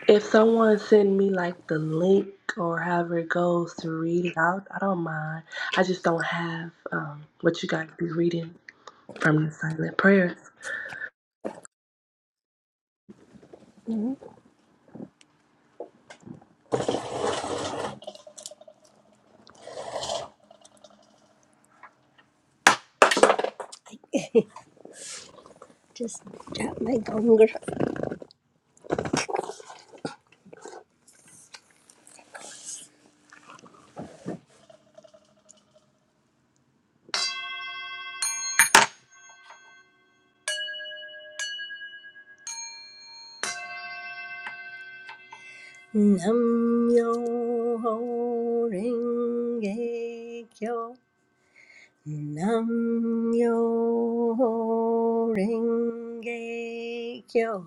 S5: If someone send me like the link or however it goes to read it out, I don't mind. I just don't have um, what you guys be reading from the silent prayers.
S1: just drop my gong Nam yo ho ringing yo, Nam yo ho ringing yo,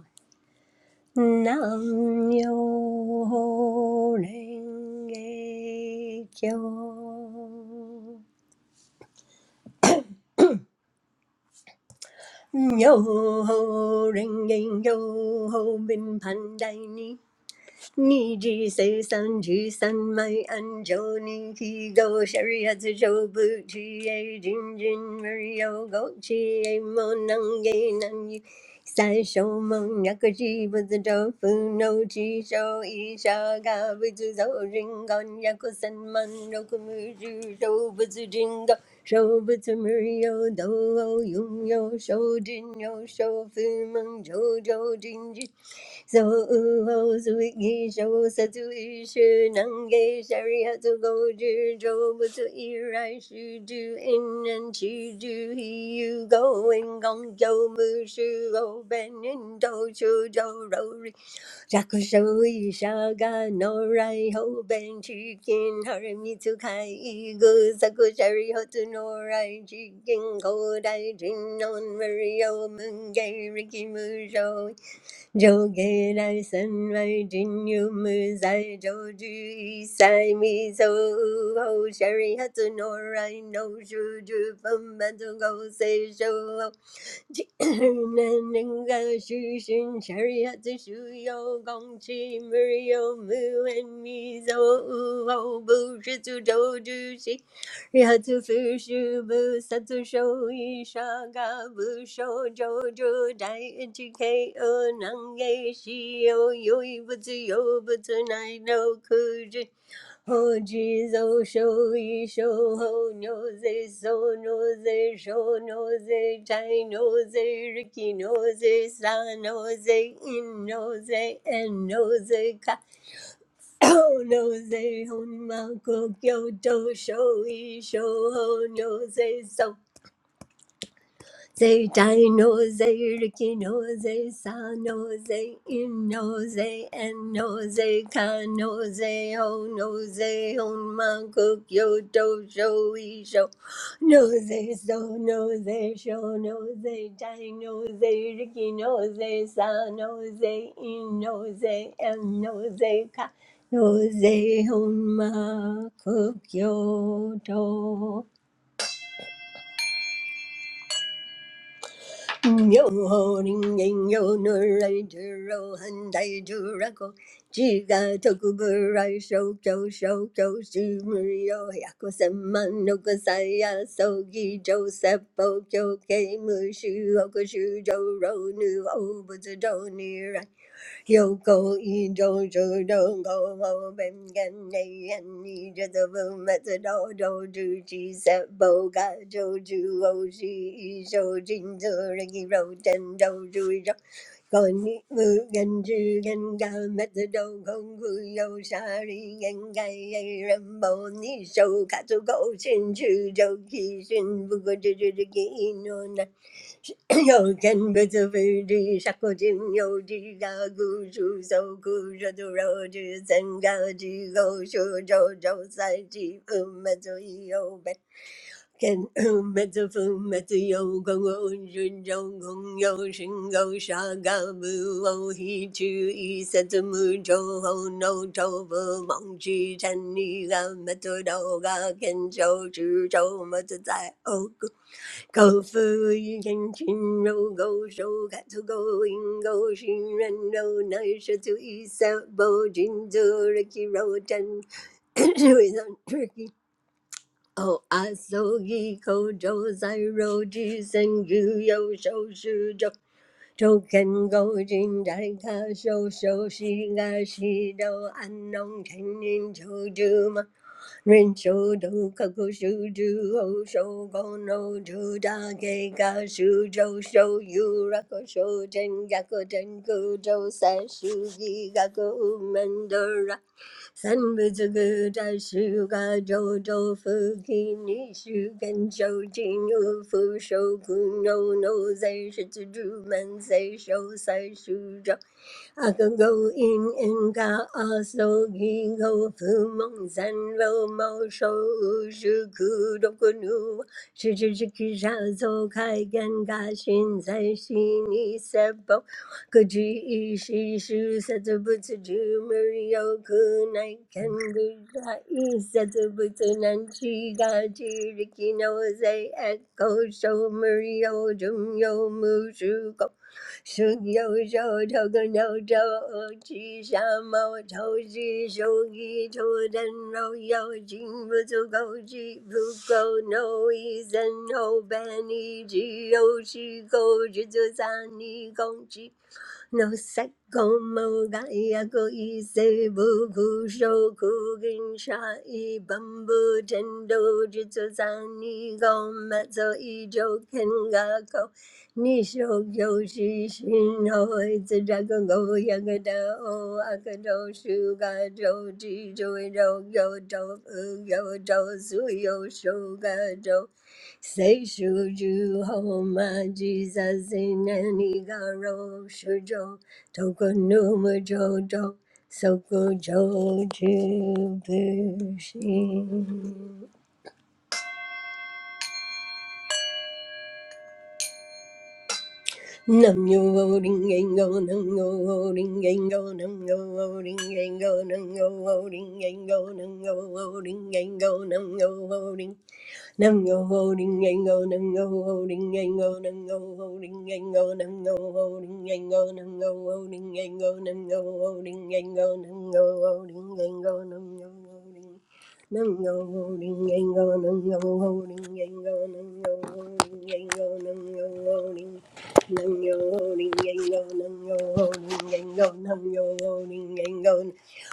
S1: Nam yo ho ringing yo, yo ho ringing yo ho, bin pandai ni. 你只身只三昧安住你提高舍利子受不提耶真真没有够起哎莫能给难你三手梦那个是不是招呼那只手一沙嘎不知走人干也可三满那个没知走不知真个手不知没有都有有手真有手非梦周周真真 so we go, so we go. So we should, we should. We should go, we should. We should go, we should. We should go, we should. We should go, we should. We should go, we should. We should go, we should. We should go, we should. We should go, we should. We should go, we should. We should go, we should. We should go, we should. We should go, we should. We should go, we should. We should go, we should. Jogi lai sunai jinu muzai jogi sami so. Oh, sherehatu norai no shuru from matu kosi so. 能给西游，有一不自由，不自难，no 可知。ho ji zo sho yi sho ho nyo ze so no ze sho no ze tai no ze riki no ze sa no ze in no ze and no ze ka ho no ze hon ma ko kyo to sho yi sho ho no ze so Zay dino, zay rikino, zay sano, zay ino, zay eno, zay kano, zay hono, zay hon mankook, yo do show, e show. No, zay so, no, zay show, no, zay dino, zay rikino, zay sano, zay ino, zay eno, zay ka, no, zay hon mankook, yo do. You're holding on to a dream, but you're running out of time. You're running out of time, but you're running out of time. Yo go Kyoko do Jodo Go Ho Ben Gen Nei and Nija the Boom at the Do Do Do Chi Set Bo Ga Joju so Isho Jinzo Riki Ro And Do do Isho Kon Mu Gen Ju Gen Ga Met the Do Kong Ku Yo Shari Gen Gai Yai Rambo Nisho Katsu Go Shin Chu Jo Ki Shin Buko Ju Ju Ki Ino 有根不走非的，啥个金有的啥个故事，走故事走绕的，三个的故事走故事都绕的，三个的故事走公公，顺走沙个不哦，一直一三怎么走，后脑走不忙，只看你个没头脑个，看手指走没得在哦。Go fu yu jen chin ro go shou katsu go in go shin ren ro nai shatsu isa bo jin zu riki ro ten without tricky. Oh, asogi kojo zai roji senju yo shou shujo. Token go jin dai ka shou shou shi ga shi do an nong chen in Rincho do kakushu do osho gono do da ge ga shu jo sho yu rako sho jen gako jen go jo sa shu gi gako umendora san buzu gu da shu ga jo do fu ki ni shu gen jo jin yu fu sho ku no no zai shi tsu ju men zai sho sai shu jo I in and go also he go mo shou shu ku do ku kai gan shin zai shi ni se bo shu se ju mu ri yo ga i se zu ga ji no zai e ko shou mu ri 胸有小草，头个鸟巢，七上毛头是手艺头，人老妖精不足够气，不够脑一身后半你只有是够，只做三你公鸡。no sacco mo gaia go i se bu ku sho ku gin sha i bambu tendo jitsu zani go matzo i jo 你说有时心内自然个我也个都，啊个都是个都，只就有有都有都是有手个都，谁说就好嘛？Jesus in any shujo toko numa soko jojo bushin. Nam yo ho ding yang go, nam yo ho ding yang go, nam yo ho ding yang go, nam yo ho ding yang go, nam yo ho ding yang go, nam yo ho ding, nam yo ho ding yang go, nam yo ho ding yang go, nam yo ho ding yang go, nam yo ho ding yang go, nam yo ho ding yang go, nam yo ho ding yang go, nam yo ho ding yang go, nam yo ho ding Nungo holding yango, nungo holding yango, nungo holding yango, nungo holding. Nungo holding yango, nungo holding yango, nungo holding yango.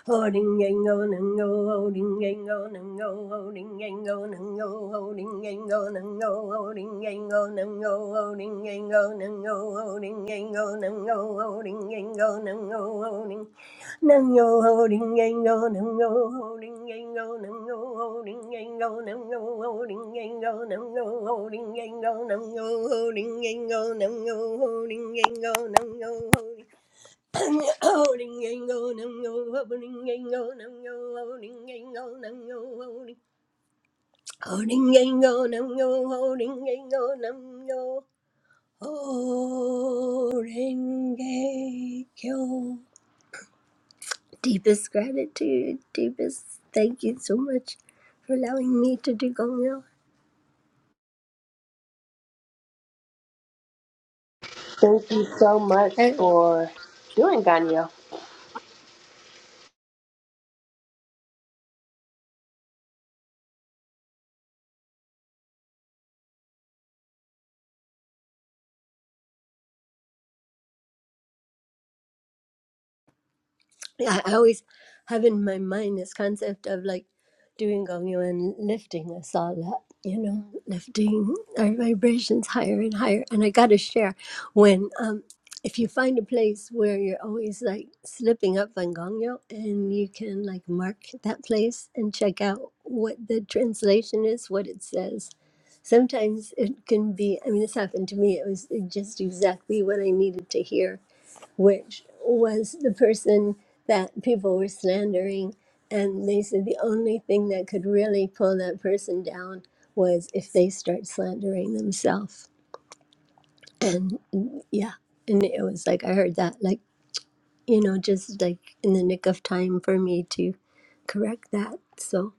S1: Holding yango, nungo holding yango, nungo holding yango, nungo holding yango, nungo holding yango, nungo holding yango, nungo holding yango, nungo holding yango, nungo holding yango, nango holding Nam yo ho ding yang go, nam yo ho ding yang go, nam yo ho ding yang go, nam yo ho ding yang go, nam yo ho ding yang go, nam yo ho ding yang go, nam yo ho ding yang go, nam yo ho ding ho ding yang go, nam yo ho ding yang go, nam yo ho ding yang go, nam yo ho ding ho ding yang go, nam yo ho ding yang go, nam yo ho ding yang go. Deepest gratitude, deepest thank you so much for allowing me to do Gongyo.
S5: Thank you so much
S1: I,
S5: for doing Ganyo.
S1: I I always have in my mind this concept of like doing Gongyo and lifting us all up, you know, lifting our vibrations higher and higher. And I got to share when, um, if you find a place where you're always like slipping up on Gongyo and you can like mark that place and check out what the translation is, what it says sometimes it can be i mean this happened to me it was just exactly what i needed to hear which was the person that people were slandering and they said the only thing that could really pull that person down was if they start slandering themselves and mm, yeah and it was like i heard that like you know just like in the nick of time for me to correct that so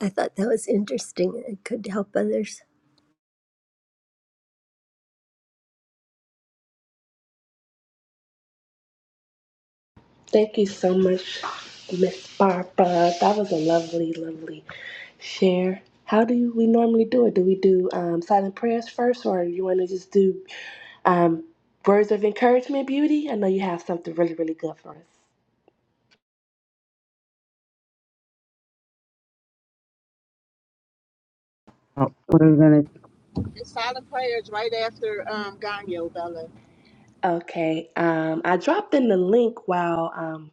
S1: i thought that was interesting it could help others
S5: Thank you so much, Miss Barbara. That was a lovely, lovely share. How do you- we normally do it? Do we do um, silent prayers first, or you want to just do um, words of encouragement, beauty? I know you have something really, really good for us.
S6: Oh, we're gonna.
S8: It's silent prayers right after um, Ganyo, Bella.
S5: Okay. Um, I dropped in the link while um,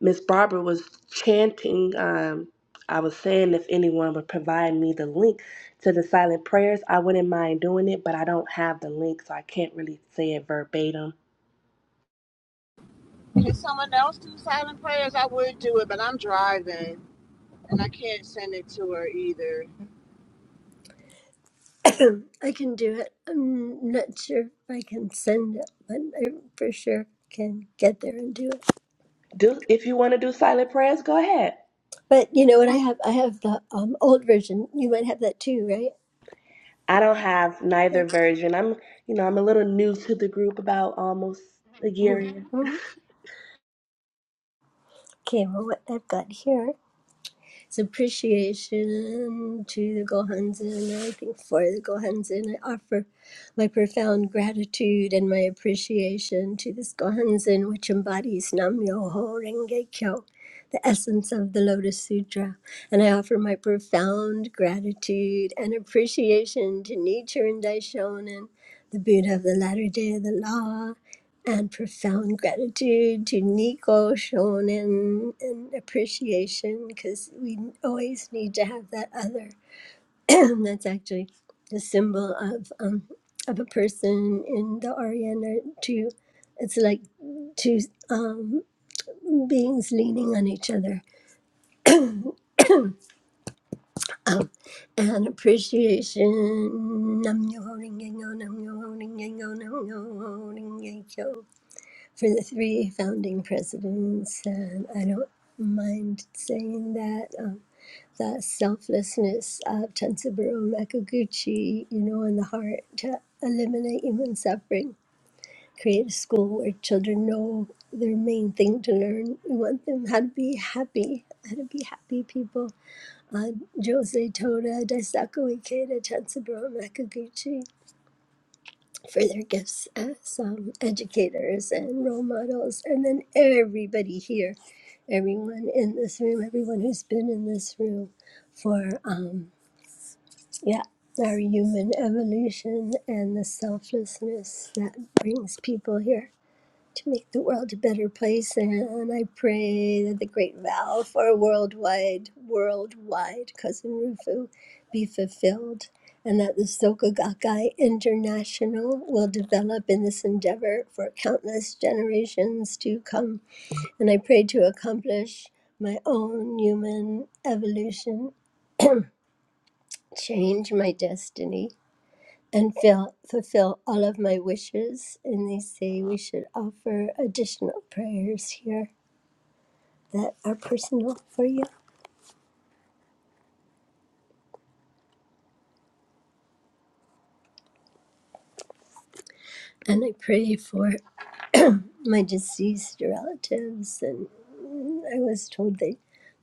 S5: Miss Barbara was chanting. Um, I was saying if anyone would provide me the link to the silent prayers, I wouldn't mind doing it, but I don't have the link, so I can't really say it verbatim.
S8: Can someone else do silent prayers? I would do it, but I'm driving and I can't send it to her either.
S1: Um, I can do it. I'm not sure if I can send it, but I for sure can get there and do it.
S5: do if you want to do silent prayers go ahead
S1: But you know what? I have I have the um, old version. You might have that too, right?
S5: i don't have neither
S1: Like,
S5: version i'm you know i'm a little new to the group about almost a year
S1: mm,
S5: in
S1: mm. okay. Well, what I've got here It's appreciation to the Gohanzen. I think for the Gohanzen, I offer my profound gratitude and my appreciation to this Gohanzen, which embodies Nam Myoho Renge Kyo, the essence of the Lotus Sutra. And I offer my profound gratitude and appreciation to Nichiren Daishonin, the Buddha of the latter day of the law, and profound gratitude to Nico, Shonen, and appreciation because we always need to have that other. That's actually the symbol of um, of a person in the Orient or two. It's like two um, beings leaning on each other. Um, and appreciation. Nam myoho renge kyo, nam myoho renge kyo, nam myoho renge kyo. for the three founding presidents, and I don't mind saying that. Um, that selflessness of Tensaburo Makaguchi, you know, in the heart to eliminate human suffering, create a school where children know their main thing to learn. We want them how to be happy, how to be happy people. Uh, Jose Toda, Daisaku Ikeda, Tensaburo Makaguchi for their gifts as um, educators and role models, and then everybody here, everyone in this room, everyone who's been in this room for, um, yeah, our human evolution and the selflessness that brings people here to make the world a better place. And I pray that the great vow for a worldwide, worldwide Cousin Rufu be fulfilled, and that the Soka Gakkai International will develop in this endeavor for countless generations to come. And I pray to accomplish my own human evolution, change my destiny. And fill, fulfill all of my wishes. And they say we should offer additional prayers here. that are personal for you. And I pray for my deceased relatives. And I was told they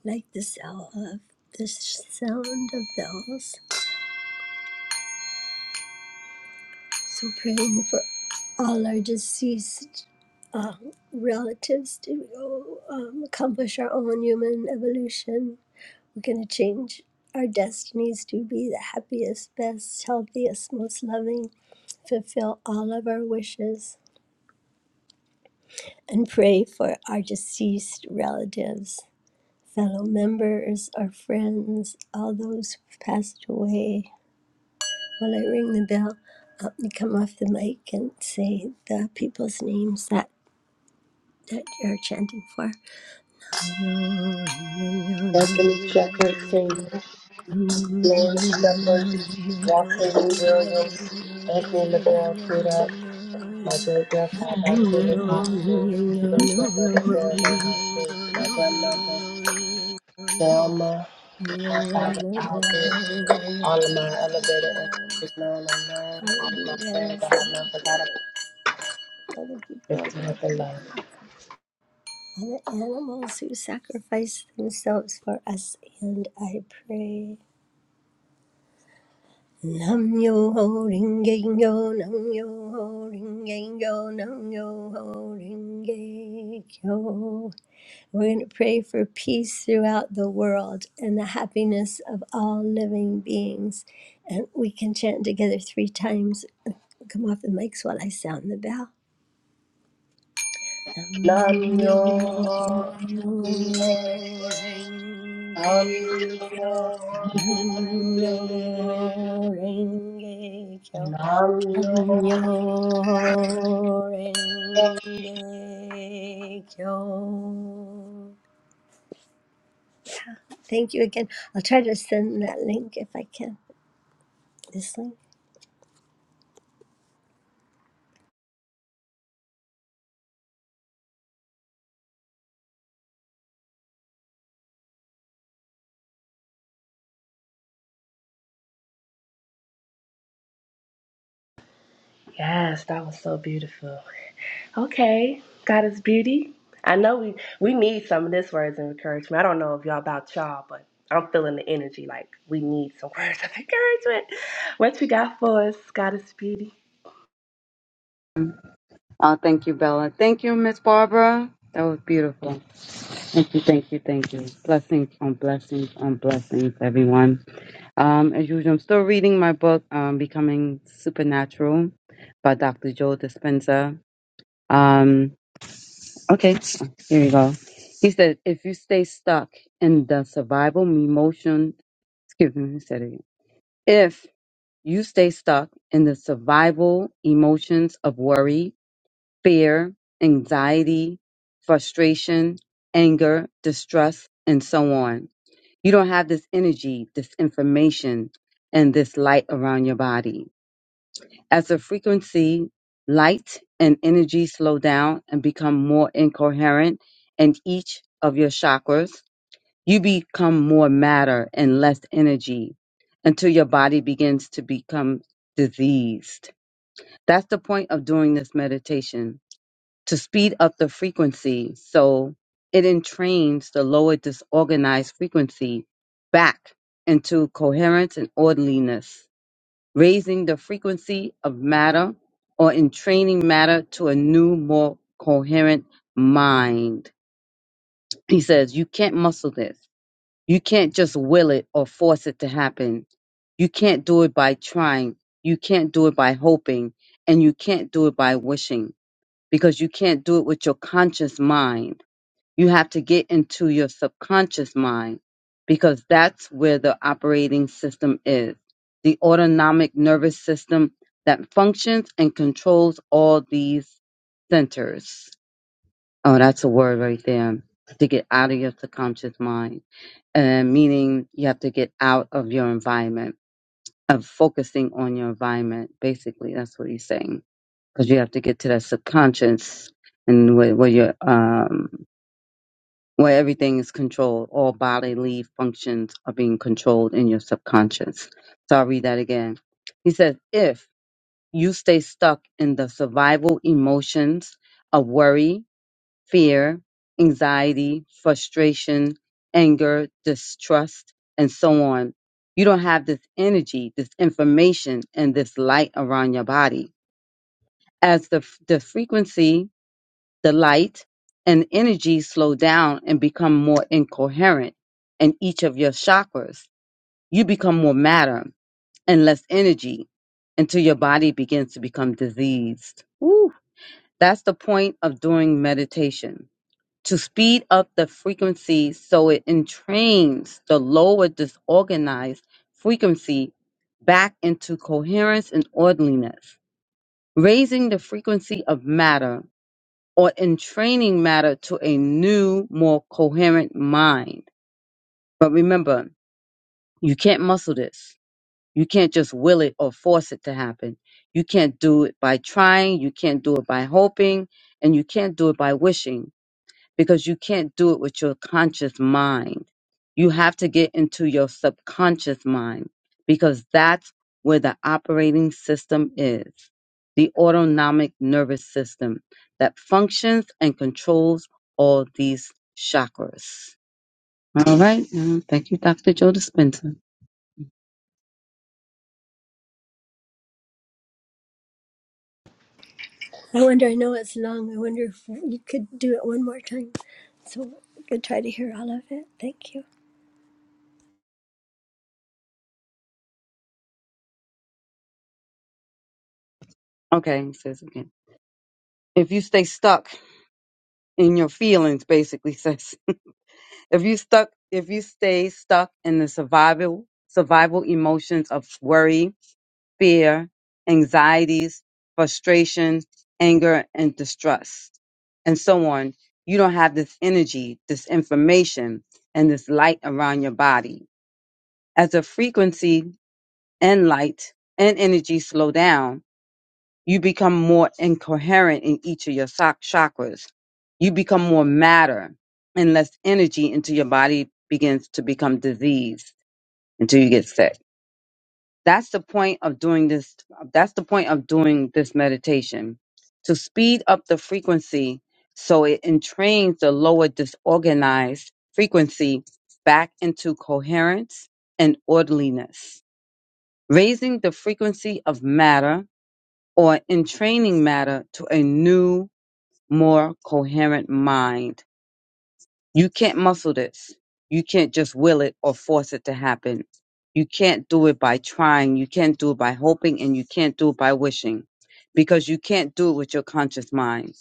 S1: like the sound of the sound of bells. So praying for all our deceased relatives to go um, accomplish our own human evolution. We're going to change our destinies to be the happiest, best, healthiest, most loving, fulfill all of our wishes. and pray for our deceased relatives, fellow members, our friends, all those who've passed away. While I ring the bell, help me come off the mic and say the people's names that, that you're chanting for.
S5: anthony shepherd senior Lord shepherd walter lee williams anthony mcgraw Crudup, my great
S1: Other
S5: grandfather Jimmy
S1: animals
S5: Hoskins, great grandmother Sarah Mae Hoskins, my grandmother Velma, my father Albert, all of my elevated ancestors known and unknown, all of my friends that I have not forgot about, lifted up in love.
S1: who sacrifice themselves for us, and I pray. Nam yo ho ring yo, nam yo ho ring yo, nam yo ho ring yo. We're going to pray for peace throughout the world and the happiness of all living beings. And we can chant together three times. Come off the mics while I sound the bell.
S5: Nam
S1: Nam-myoho-renge-kyo. Nam-myoho-renge-kyo. Nam-myoho-renge-kyo. Thank you again. I'll try to send that link if I can. This link.
S5: Yes, that was so beautiful. Okay, God is beauty. I know we we need some of this words of encouragement. I don't know if y'all about y'all, but I'm feeling the energy like we need some words of encouragement. What you got for us, God is beauty?
S6: Uh, thank you, Bella. Thank you, Miss Barbara. That was beautiful. Thank you, thank you, thank you. Blessings on blessings on blessings, everyone. Um, as usual, I'm still reading my book, um, Becoming Supernatural by Dr. Joe Dispenza. Um, okay, here we go. He said, if you stay stuck in the survival emotion, excuse me, he said it again. If you stay stuck in the survival emotions of worry, fear, anxiety, frustration, anger, distrust, and so on, you don't have this energy, this information, and this light around your body. As the frequency, light, and energy slow down and become more incoherent in each of your chakras, you become more matter and less energy until your body begins to become diseased. That's the point of doing this meditation to speed up the frequency so it entrains the lower disorganized frequency back into coherence and orderliness raising the frequency of matter, or entraining matter to a new, more coherent mind. He says, You can't muscle this. You can't just will it or force it to happen. You can't do it by trying. You can't do it by hoping. And you can't do it by wishing because you can't do it with your conscious mind you have to get into your subconscious mind because that's where the operating system is. The autonomic nervous system that functions and controls all these centers. Oh, that's a word right there. To get out of your subconscious mind. And meaning you have to get out of your environment of focusing on your environment. Basically, that's what he's saying. Because you have to get to that subconscious and where, where you're where everything is controlled. All bodily functions are being controlled in your subconscious. So I'll read that again. He says, if you stay stuck in the survival emotions of worry, fear, anxiety, frustration, anger, distrust, and so on, you don't have this energy, this information, and this light around your body. As the, the frequency the light and energy slow down and become more incoherent in each of your chakras. You become more matter and less energy until your body begins to become diseased. Woo. That's the point of doing meditation to speed up the frequency so it entrains the lower disorganized frequency back into coherence and orderliness. Raising the frequency of matter or in training matter to a new, more coherent mind. But remember, you can't muscle this. You can't just will it or force it to happen. You can't do it by trying, you can't do it by hoping, and you can't do it by wishing because you can't do it with your conscious mind. You have to get into your subconscious mind because that's where the operating system is the autonomic nervous system that functions and controls all these chakras. All right. now, Thank you, Dr. Joe Dispenza.
S1: I wonder, I know it's long. I wonder if you could do it one more time. So we could try to hear all of it. Thank you.
S6: Okay. He says again. If you stay stuck in your feelings, basically says, if you stuck, if you stay stuck in the survival, survival emotions of worry, fear, anxieties, frustration, anger, and distrust, and so on. You don't have this energy, this information, and this light around your body. As the frequency and light and energy slow down, you become more incoherent in each of your soc- chakras. You become more matter and less energy until your body begins to become diseased, until you get sick. That's the point of doing this. That's the point of doing this meditation to speed up the frequency so it entrains the lower disorganized frequency back into coherence and orderliness, raising the frequency of matter or entraining matter to a new, more coherent mind you can't muscle this. You can't just will it or force it to happen. You can't do it by trying. You can't do it by hoping and you can't do it by wishing because you can't do it with your conscious mind.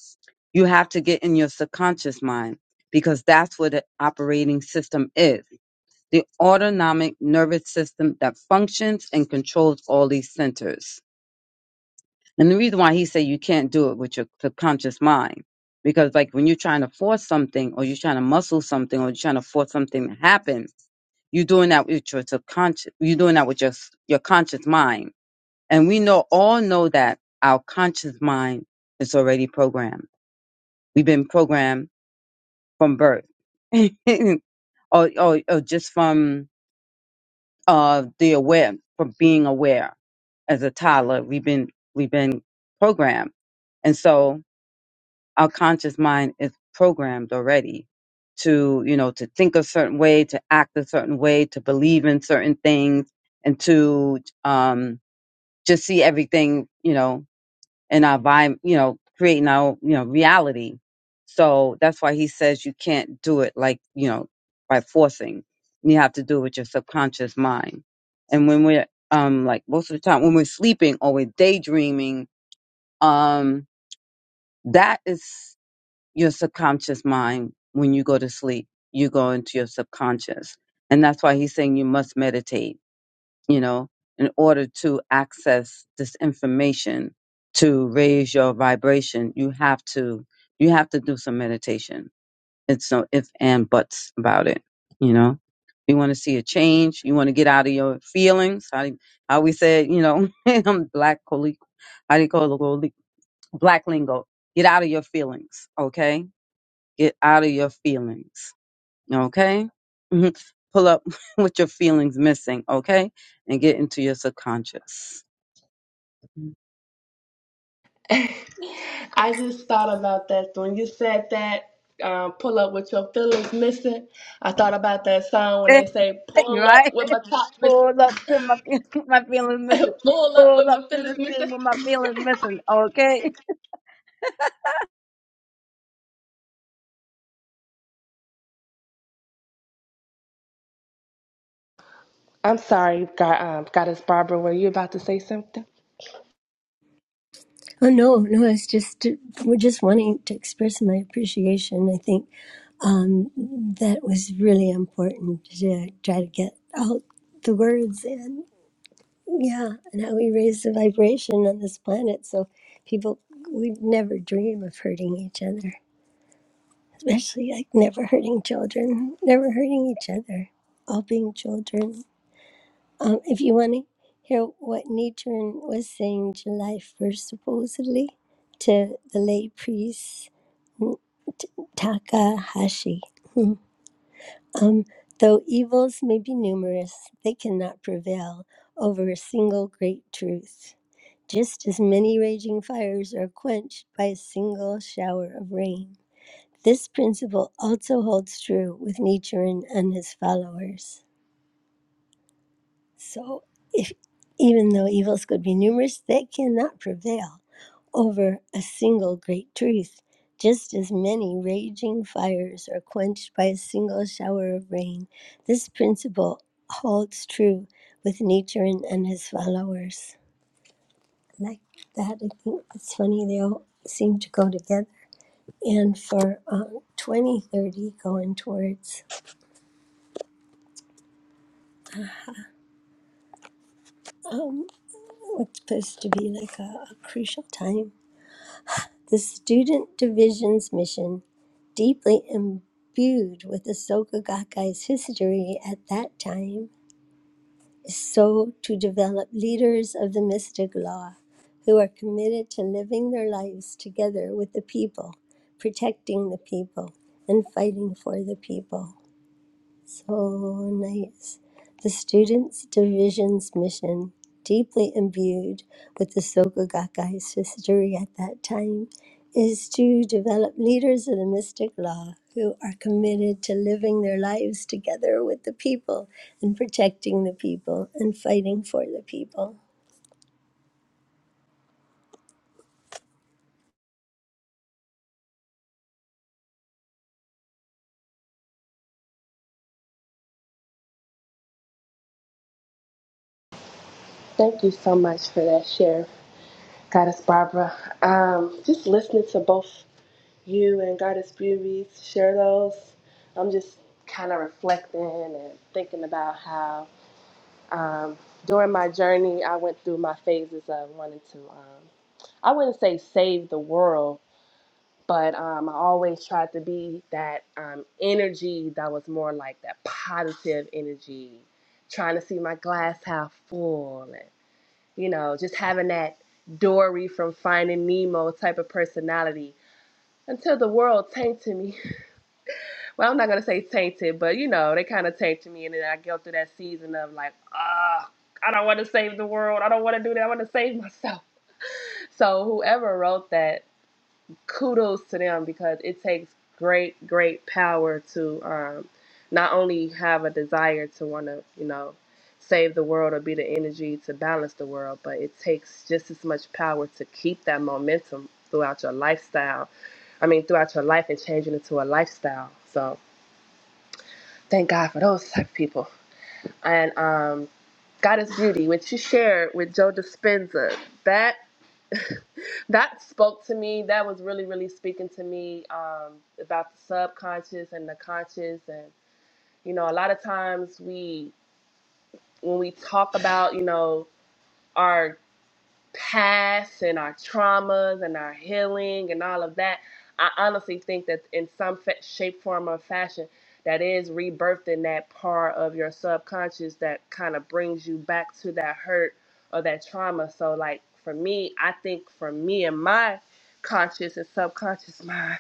S6: You have to get in your subconscious mind because that's where the operating system is. The autonomic nervous system that functions and controls all these centers. And the reason why he said you can't do it with your subconscious mind, because like when you're trying to force something or you're trying to muscle something or you're trying to force something to happen, you're doing that with your subconscious. You're doing that with your s- your conscious mind. And we know all know that our conscious mind is already programmed. We've been programmed from birth, or, or or just from uh the aware, from being aware as a toddler. We've been we've been programmed, and so our conscious mind is programmed already to you know to think a certain way to act a certain way to believe in certain things and to um just see everything you know in our vibe you know creating our you know reality so that's why he says you can't do it like you know by forcing you have to do it with your subconscious mind and when we're um like most of the time when we're sleeping or we're daydreaming um that is your subconscious mind when you go to sleep. You go into your subconscious. And that's why he's saying you must meditate, you know, in order to access this information to raise your vibration, you have to you have to do some meditation. It's no if and buts about it, you know. You want to see a change, you want to get out of your feelings. How how we said, you know, I'm black coli- how do you call it coli- black lingo. Get out of your feelings, okay? Get out of your feelings. Okay? Mhm. Pull up with your feelings missing. Okay? And get into your subconscious. Mhm.
S5: I just thought about that when you said that. Um, pull up with your feelings missing. I thought about that song when they say "Pull up
S6: right?
S5: with my top
S6: Pull
S5: missing,"
S6: up to my feel- my feelings missing.
S5: "Pull up
S6: Pull
S5: with
S6: up
S5: my
S6: to
S5: feelings
S6: the scene
S5: missing."
S6: with my feelings missing. Okay.
S5: I'm sorry, God, um, Goddess Barbara. Were you about to say something?
S1: Oh, no, no, it's just, we're just wanting to express my appreciation. I think um, that was really important to try to get out the words and, yeah, and how we raise the vibration on this planet. So people, we'd never dream of hurting each other. especially like never hurting children, never hurting each other, all being children. Um, if you want to hear what Nichiren was saying July 1st, supposedly, to the lay priest N- T- Takahashi, hmm, um, though evils may be numerous, they cannot prevail over a single great truth. Just as many raging fires are quenched by a single shower of rain this principle also holds true with Nichiren and his followers. So, if, even though evils could be numerous, they cannot prevail over a single great truth. Just as many raging fires are quenched by a single shower of rain, this principle holds true with Nichiren and his followers. Like that, I think it's funny, they all seem to go together. And for um, 2030, going towards. um, what's supposed to be like a, a crucial time. The student division's mission, deeply imbued with the Soka Gakkai's history at that time, is so to develop leaders of the mystic law who are committed to living their lives together with the people, protecting the people, and fighting for the people. So nice. The Students Division's mission, deeply imbued with the Soka Gakkai's history at that time, is to develop leaders of the mystic law who are committed to living their lives together with the people and protecting the people and fighting for the people.
S5: Thank you so much for that share, Goddess Barbara. Um, just listening to both you and Goddess Beauty share those, I'm just kind of reflecting and thinking about how. Um, during my journey, I went through my phases of wanting to, um, I wouldn't say save the world, but um, I always tried to be that um, energy that was more like that positive energy, trying to see my glass half full, and, you know, just having that Dory from Finding Nemo type of personality until the world tanked to me well, I'm not gonna say tainted, but you know, they kind of tainted me, and then I go through that season of like, ah, I don't want to save the world. I don't want to do that. I want to save myself. So whoever wrote that, kudos to them because it takes great, great power to um, not only have a desire to want to, you know, save the world or be the energy to balance the world, but it takes just as much power to keep that momentum throughout your lifestyle. I mean, throughout your life and changing it to a lifestyle. So. Thank God for those type of people. And um, Goddess Beauty, which she shared with Joe Dispenza, that that spoke to me. That was really, really speaking to me um, about the subconscious and the conscious. And you know, a lot of times we, when we talk about, you know, our past and our traumas and our healing and all of that, I honestly think that in some fa- shape, form, or fashion, that is rebirthed in that part of your subconscious that kind of brings you back to that hurt or that trauma. So, like for me, I think for me and my conscious and subconscious mind,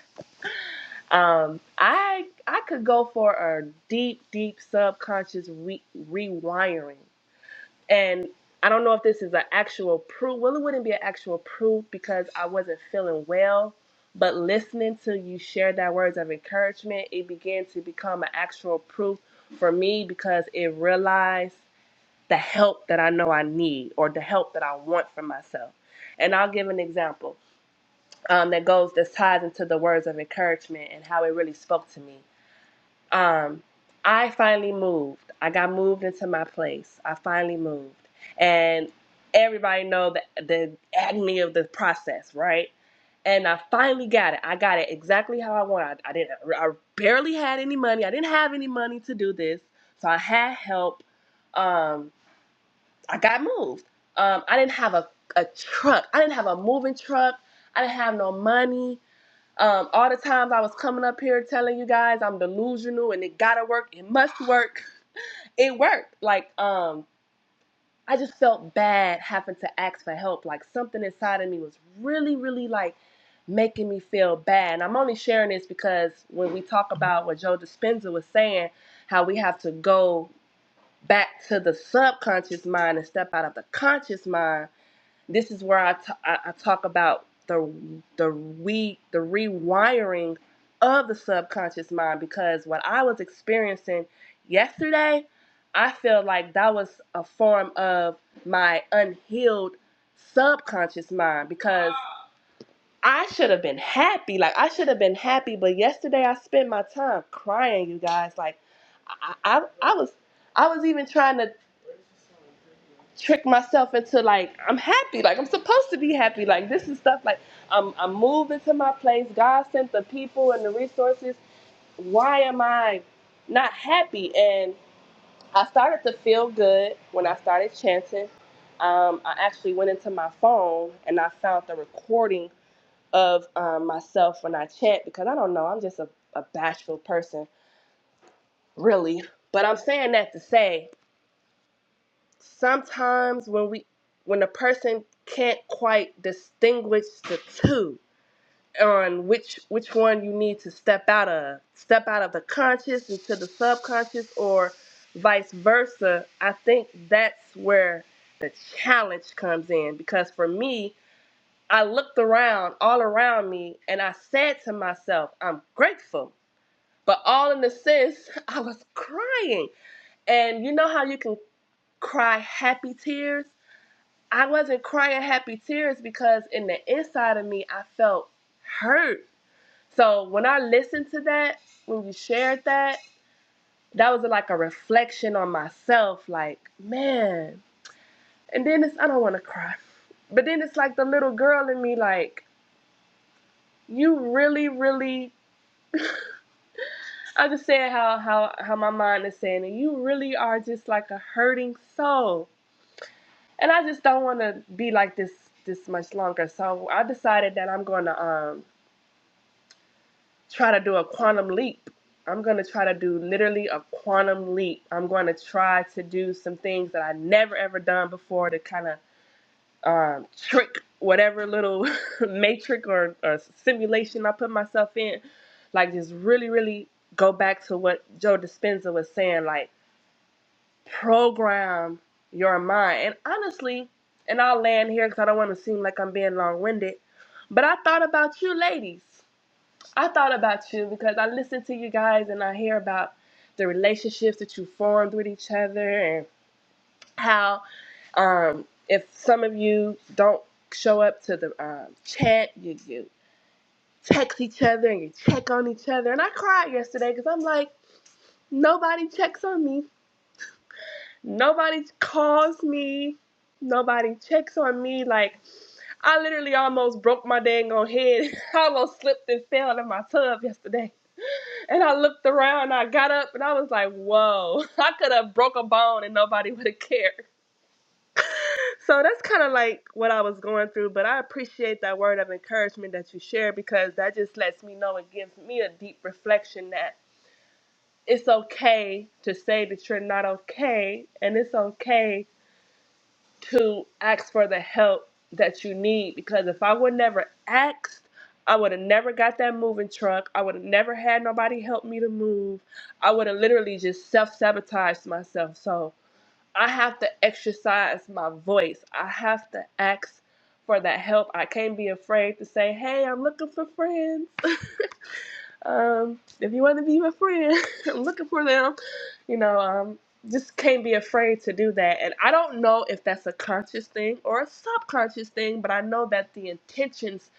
S5: um, I I could go for a deep, deep subconscious re- rewiring and I don't know if this is an actual proof. Well, it wouldn't be an actual proof because I wasn't feeling well. But listening to you share that words of encouragement, it began to become an actual proof for me because it realized the help that I know I need or the help that I want for myself. And I'll give an example um, that goes that ties into the words of encouragement and how it really spoke to me um, I finally moved. I got moved into my place. I finally moved, and everybody know the the agony of the process, right? And I finally got it. I got it exactly how I wanted. I, I didn't. I barely had any money. I didn't have any money to do this, so I had help. Um, I got moved. Um, I didn't have a a truck. I didn't have a moving truck. I didn't have no money. Um, all the times I was coming up here telling you guys I'm delusional and it gotta work, it must work. It worked. Like, um, I just felt bad having to ask for help. Like something inside of me was really, really like making me feel bad. And I'm only sharing this because when we talk about what Joe Dispenza was saying, how we have to go back to the subconscious mind and step out of the conscious mind this is where I t I I talk about the the re the rewiring of the subconscious mind because what I was experiencing yesterday, I feel like that was a form of my unhealed subconscious mind because I should have been happy. Like I should have been happy, but yesterday I spent my time crying, you guys. Like I I, I was I was even trying to trick myself into like I'm happy, like I'm supposed to be happy. Like this is stuff like I'm I'm moving to my place. God sent the people and the resources. Why am I not happy? And I started to feel good when I started chanting. Um, I actually went into my phone and I found the recording of um, myself when I chant because I don't know, I'm just a, a bashful person, really. But I'm saying that to say sometimes when we when a person can't quite distinguish the two on which which one you need to step out of step out of the conscious into the subconscious or vice versa i think that's where the challenge comes in because for me i looked around all around me and i said to myself i'm grateful but all in a sense i was crying and you know how you can cry happy tears I wasn't crying happy tears because in the inside of me, I felt hurt. So when I listened to that, when you shared that, that was like a reflection on myself, like, man. And then it's, I don't want to cry. But then it's like the little girl in me, like, you really, really, I just said how, how, how my mind is saying, and you really are just like a hurting soul. And I just don't want to be like this this much longer. So I decided that I'm going to um, try to do a quantum leap. I'm going to try to do literally a quantum leap. I'm going to try to do some things that I never ever done before to kind of um, trick whatever little matrix or, or simulation I put myself in. Like, just really, really go back to what Joe Dispenza was saying, like, program your mind. And honestly, and I'll land here because I don't want to seem like I'm being long winded, but I thought about you ladies. I thought about you because I listen to you guys and I hear about the relationships that you formed with each other and how um, if some of you don't show up to the um, chat, you, you text each other and you check on each other. And I cried yesterday because I'm like, nobody checks on me. Nobody calls me. Nobody checks on me. Like, I literally almost broke my dang on head. I almost slipped and fell in my tub yesterday And I looked around, I got up, and I was like, whoa, I could have broke a bone and nobody would have cared. So that's kind of like what I was going through, but I appreciate that word of encouragement that you shared because that just lets me know it gives me a deep reflection that it's okay to say that you're not okay, and it's okay to ask for the help that you need because if I would never asked, I would have never got that moving truck. I would have never had nobody help me to move. I would have literally just self sabotaged myself. So I have to exercise my voice. I have to ask for that help. I can't be afraid to say, hey, I'm looking for friends. um, if you want to be my friend, I'm looking for them. You know, um, just can't be afraid to do that. And I don't know if that's a conscious thing or a subconscious thing, but I know that the intentions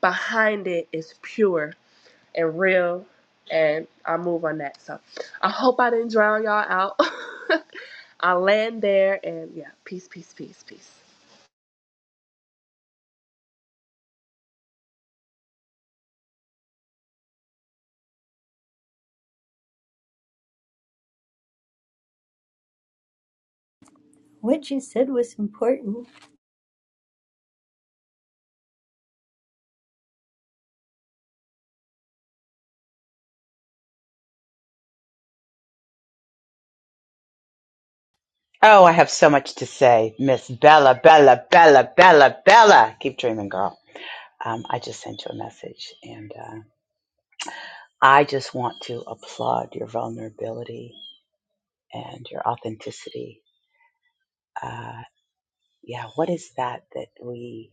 S5: behind it is pure and real. And I move on that. So I hope I didn't drown y'all out. I land there and yeah, peace, peace, peace, peace.
S1: What you said was important
S2: Oh, I have so much to say. Miss Bella, Bella, Bella, Bella, Bella. Keep dreaming, girl. Um, I just sent you a message, and uh, I just want to applaud your vulnerability and your authenticity. Uh, yeah, what is that that we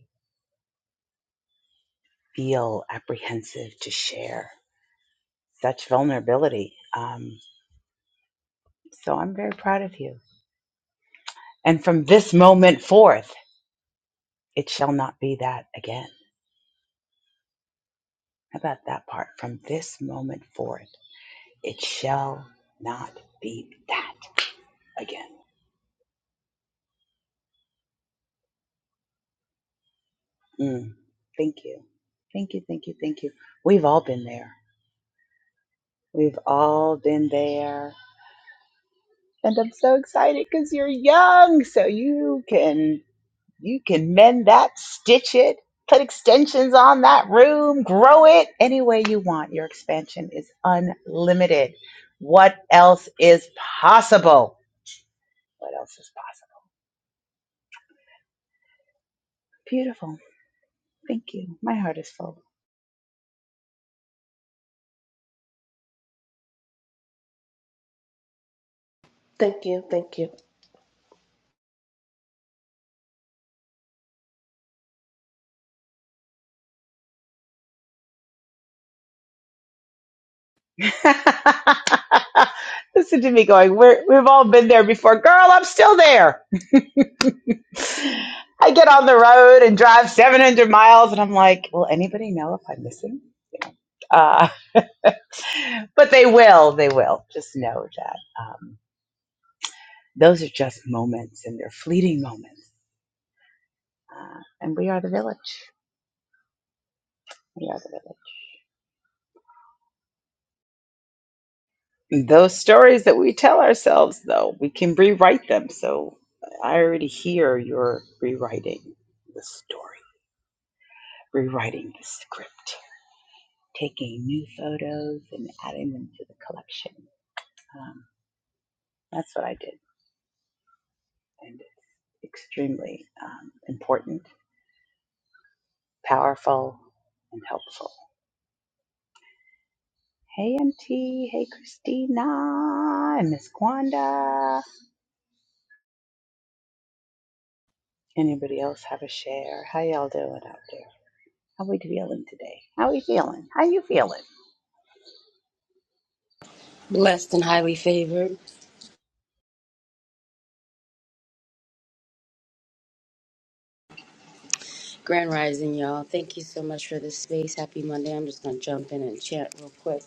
S2: feel apprehensive to share? Such vulnerability. Um, so I'm very proud of you. And from this moment forth, it shall not be that again. How about that part? From this moment forth, it shall not be that again. Mm. Thank you. Thank you. Thank you. Thank you. We've all been there. We've all been there. And I'm so excited because you're young. So you can you can mend that, stitch it, put extensions on that room, grow it any way you want. Your expansion is unlimited. What else is possible? What else is possible? Beautiful. Thank you. My heart is full.
S5: Thank you, thank you.
S2: Listen to me going, We're, we've all been there before. Girl, I'm still there. I get on the road and drive 700 miles, and I'm like, will anybody know if I'm missing? You know, Uh, but they will, they will. Just know that um, those are just moments, and they're fleeting moments. Uh, and we are the village. We are the village. Those stories that we tell ourselves, though, we can rewrite them. So I already hear you're rewriting the story, rewriting the script, taking new photos and adding them to the collection. Um, that's what I did. And it's extremely um, important, powerful, and helpful. Hey, MT. Hey, Christina. And Miss Gwanda. Anybody else have a share? How y'all doing out there? How are we feeling today? How are we feeling? How are you feeling?
S9: Blessed and highly favored. Grand Rising, y'all. Thank you so much for this space. Happy Monday. I'm just going to jump in and chant real quick.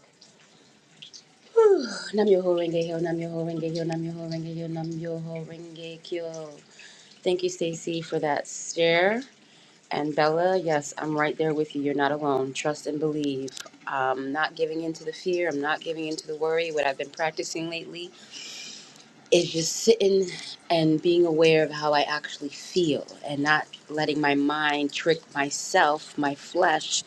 S9: Whew. Nam yo ho renge yo, nam yo ho renge yo, nam yo ho renge yo, nam yo ho renge kyo. Thank you, Stacy, for that stare. And Bella, yes, I'm right there with you. You're not alone. Trust and believe. I'm not giving in to the fear. I'm not giving in to the worry. What I've been practicing lately is just sitting and being aware of how I actually feel and not letting my mind trick myself, my flesh,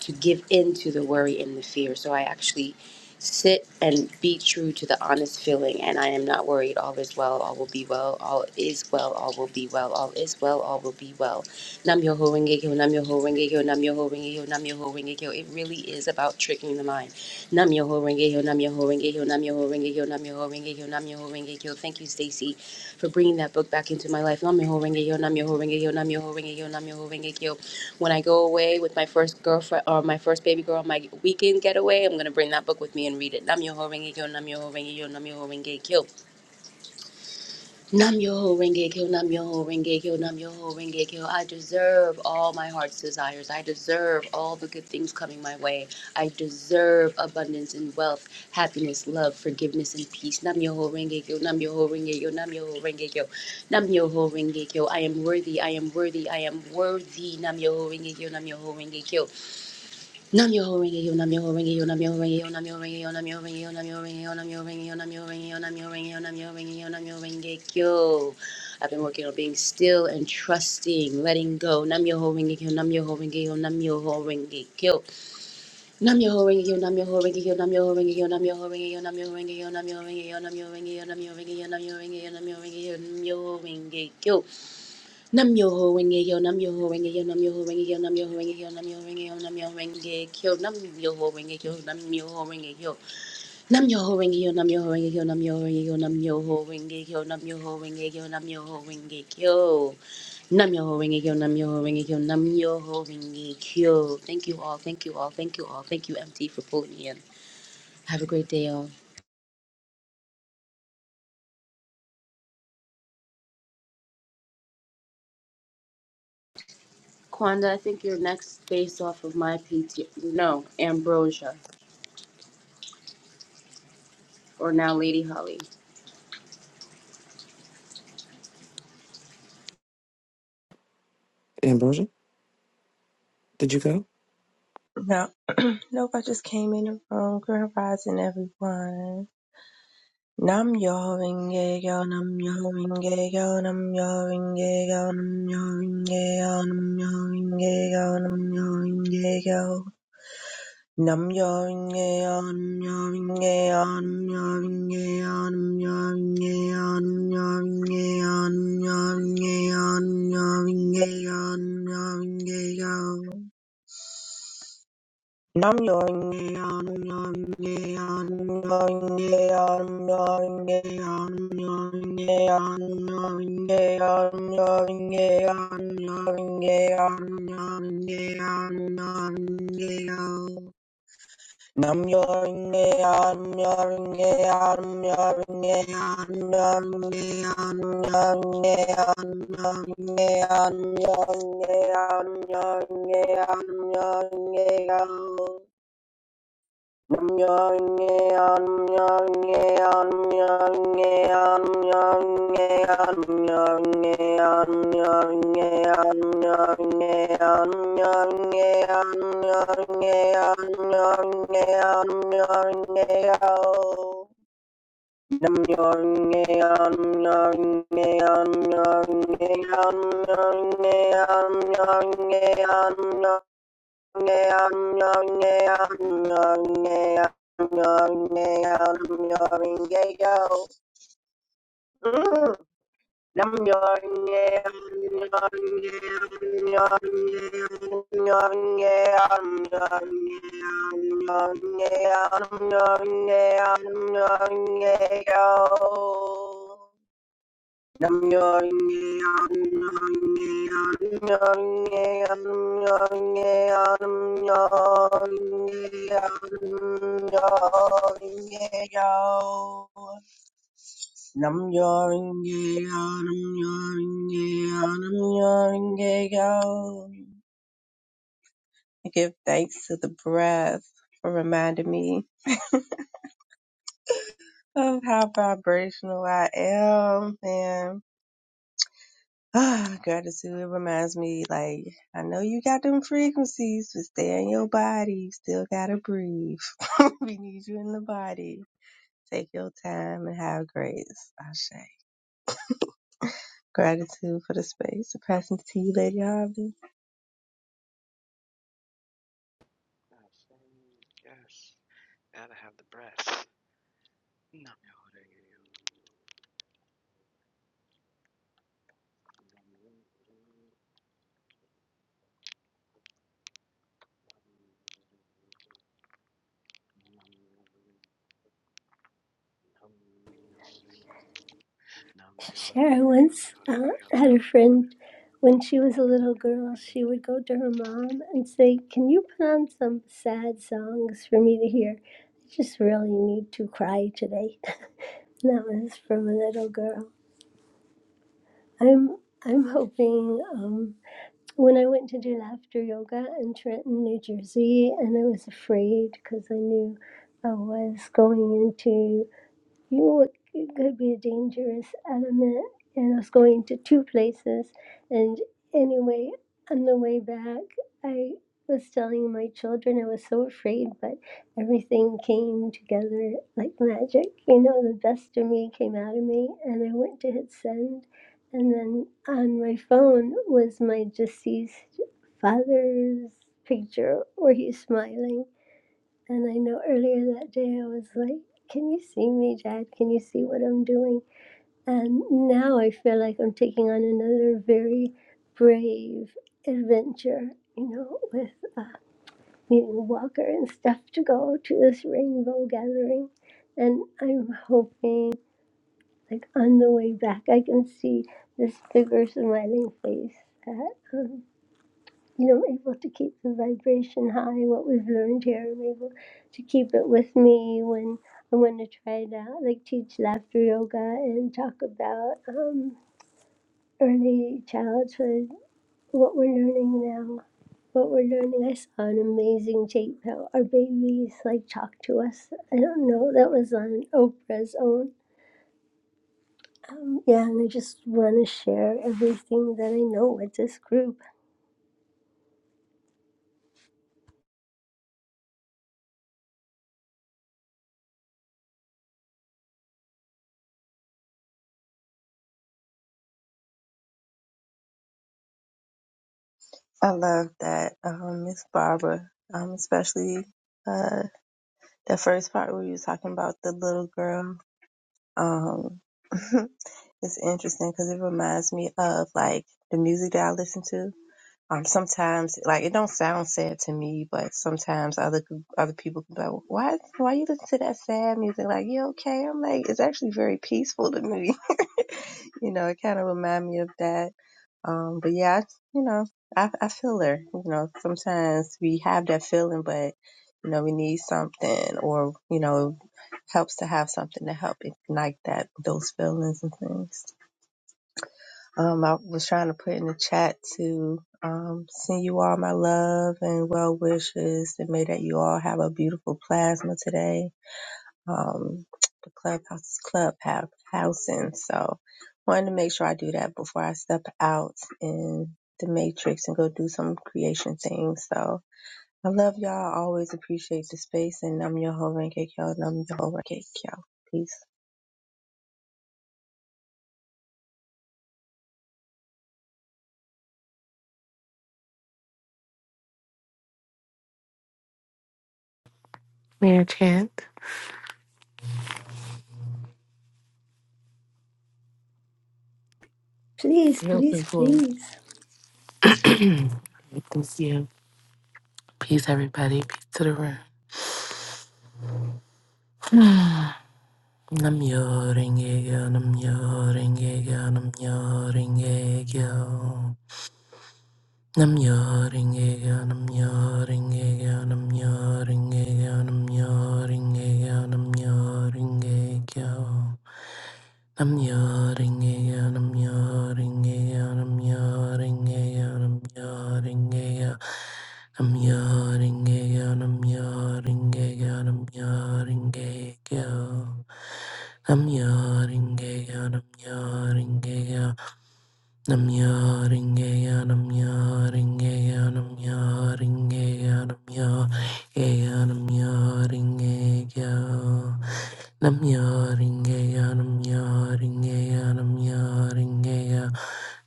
S9: to give in to the worry and the fear. So I actually sit and be true to the honest feeling and I am not worried. All is well, all will be well, all is well, all will be well, all is well, all will be well. Nam yoho renge kyo, nam yoho renge kyo, nam yoho renge kyo, nam yoho renge kyo. It really is about tricking the mind. Nam Yoho Renge Hill, Nam Yoho Renge Hill, Nam Yoho Renge Hill, Nam Yoho Renge Hill, Nam Yoho Renge Hill. Thank you, Stacy, for bringing that book back into my life. Nam Yoho Renge Hill, Nam Yoho Renge Hill, Nam Yoho Renge Hill, Nam Yoho Renge Hill. When I go away with my first girlfriend or my first baby girl on my weekend getaway, I'm going to bring that book with me and read it. Nam Yoho Renge Hill, Nam Yoho Renge Hill, Nam Yoho Renge Hill. Nam Yoho Renge Kyo, Nam Yoho Renge Kyo, Nam Yoho Renge Kyo. I deserve all my heart's desires. I deserve all the good things coming my way. I deserve abundance and wealth, happiness, love, forgiveness, and peace. Nam Yoho Renge Kyo, Nam Yoho Renge Kyo, Nam Yoho Renge Kyo, Nam Yoho Renge Kyo. I am worthy, I am worthy, I am worthy. Nam Yoho Renge Kyo, Nam Yoho Renge Kyo. Nam yo ring yo nam yo ring yo nam yo ring yo nam yo ring yo nam yo ring yo nam yo ring yo nam yo ring yo nam yo ring yo nam yo ring yo nam yo ring yo nam yo ring yo I've been working on being still and trusting, letting go. Nam yo ring yo nam yo ring yo nam yo ring yo Nam yo ring yo nam yo ring yo nam yo ring yo nam yo ring yo nam yo ring yo nam yo ring yo nam yo ring yo nam yo ring yo nam yo ring yo nam yo ring yo nam yo ring yo nam yo ring yo Nam yo ho renge yo, nam yo ho renge yo, nam yo ho renge yo, nam yo ho renge yo, nam yo ho renge yo, nam yo ho renge yo, nam yo ho renge yo, nam yo ho renge yo, nam yo ho renge yo, nam yo ho renge yo, nam yo ho renge yo, nam yo ho renge yo, nam yo ho renge yo, nam yo ho renge yo, nam yo ho renge yo, nam yo ho renge yo, nam yo ho renge yo. Thank you all, thank you all, thank you all, thank you MT for pulling me in. Have a great day, all. Kwanda, I think you're next based off of my PT. No, Ambrosia, or now Lady Holly.
S10: Ambrosia, did you go?
S11: No, nope. I just came in the room. Grand rising, everyone. Nam yo ringe yo, nam yo ringe yo, nam yo ringe yo, nam yo ringe yo, nam yo ringe yo, nam yo ringe yo. Nam yo ringe yo, nam yo ringe yo, nam yo ringe yo, nam yo ringe yo, nam yo ringe yo, nam yo ringe yo, nam yo ringe yo, nam yo ringe yo. Nam yoing Nam yoring am yoring am yoring am yoring am yoring am yoring am yoring am yoring am yoring am Nam Nam I give thanks to the breath for reminding me of how vibrational I am, man. Ah, Gratitude it reminds me, like, I know you got them frequencies, but stay in your body. You still gotta breathe. we need you in the body. Take your time and have grace. Ashe. Gratitude for the space. The presence to you, Lady Harvey.
S10: Yes, gotta have the breath. Nam yoring. Nam yoring. Nam yoring. Nam
S1: Sure. I once
S10: yoring.
S1: uh, had a friend when she was a little
S10: Nam
S1: girl. She
S10: yoring.
S1: would go to her mom and say, Can you put on some sad songs for me to hear? I just really need to cry today. And That was from a little girl. I'm I'm hoping um, when I went to do laughter yoga in Trenton, New Jersey, and I was afraid because I knew I was going into you it could be a dangerous element, and I was going to two places. And anyway, on the way back, I was telling my children I was so afraid, but everything came together like magic. You know, the best of me came out of me, and I went to hit send. And then on my phone was my deceased father's picture where he's smiling and I know earlier that day I was like, Can you see me, Dad? Can you see what I'm doing? And now I feel like I'm taking on another very brave adventure, you know, with uh, meeting Walker and stuff to go to this rainbow gathering. And I'm hoping, like, on the way back, I can see this bigger smiling face that um, you know, able to keep the vibration high, what we've learned here, I'm able to keep it with me when I want to try it out, like teach laughter yoga and talk about um, early childhood, what we're learning now, what we're learning. I saw an amazing tape how our babies like talk to us. I don't know, that was on Oprah's own. Um, yeah, and I just want to share everything that I know with this group.
S11: I love that, um, Miss Barbara. Um, especially uh the first part where you was talking about the little girl. Um it's interesting because it reminds me of like the music that I listen to. Um, sometimes, like it don't sound sad to me, but sometimes other other people can be like, "Why, why you listen to that sad music? Like, you okay?" I'm like, it's actually very peaceful to me. you know, it kind of remind me of that. Um, but yeah, I, you know, I I feel her. You know, sometimes we have that feeling, but you know, we need something, or you know, helps to have something to help ignite that those feelings and things. Um, I was trying to put in the chat to um, send you all my love and well wishes and may that you all have a beautiful plasma today. Um, the clubhouse is club have housing, so wanted to make sure I do that before I step out in the matrix and go do some creation things. So I love y'all. I always appreciate the space and I'm your whole Renge Kyo and I'm your whole Renge Kyo. Peace.
S12: Mayor Chant,
S1: Please,
S12: you're
S1: please,
S12: open for
S1: please.
S12: it. Thank you. Peace, everybody. Peace to the room. Nam yo ringe yo, nam yo ringe yo, nam yo ringe yo. Nam yo ringe yo, nam yo ringe yo, nam yo ringe yo, nam yo ringe yo, nam yo ringe yo. I'm yawning again, I'm yawning again, I'm yawning again, I'm yawning again. I'm yawning again, I'm yawning again, I'm yawning again. I'm yawning again, I'm yawning again. I'm yawning again, I'm yawning again, I'm yawning again, I'm Nam-myoho-renge-kyo. nam yaringeya, nam yaringeya, nam yaringeya,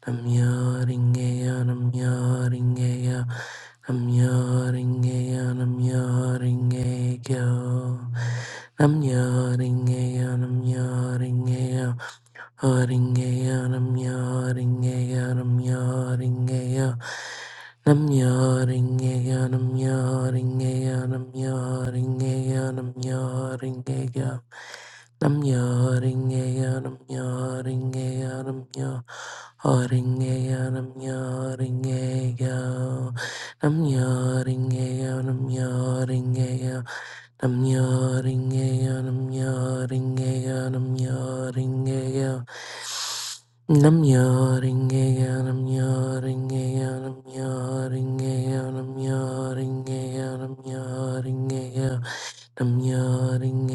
S12: nam yaringeya, nam yaringeya, nam yaringeya, nam yaringeya, nam yaringeya, Haringeya Namya Haringeya Namya Haringeya Namya Haringeya Namya Haringeya Namya Haringeya Namya Haringeya Namya Haringeya Namya Haringeya Namya Haringeya Namya Haringeya Namya Haringeya Namya Haringeya I'm yawning, I'm yawning, I'm yawning, I'm yawning, I'm yawning, I'm yawning, I'm yawning, I'm yawning, I'm yawning, I'm yawning, I'm yawning, I'm yawning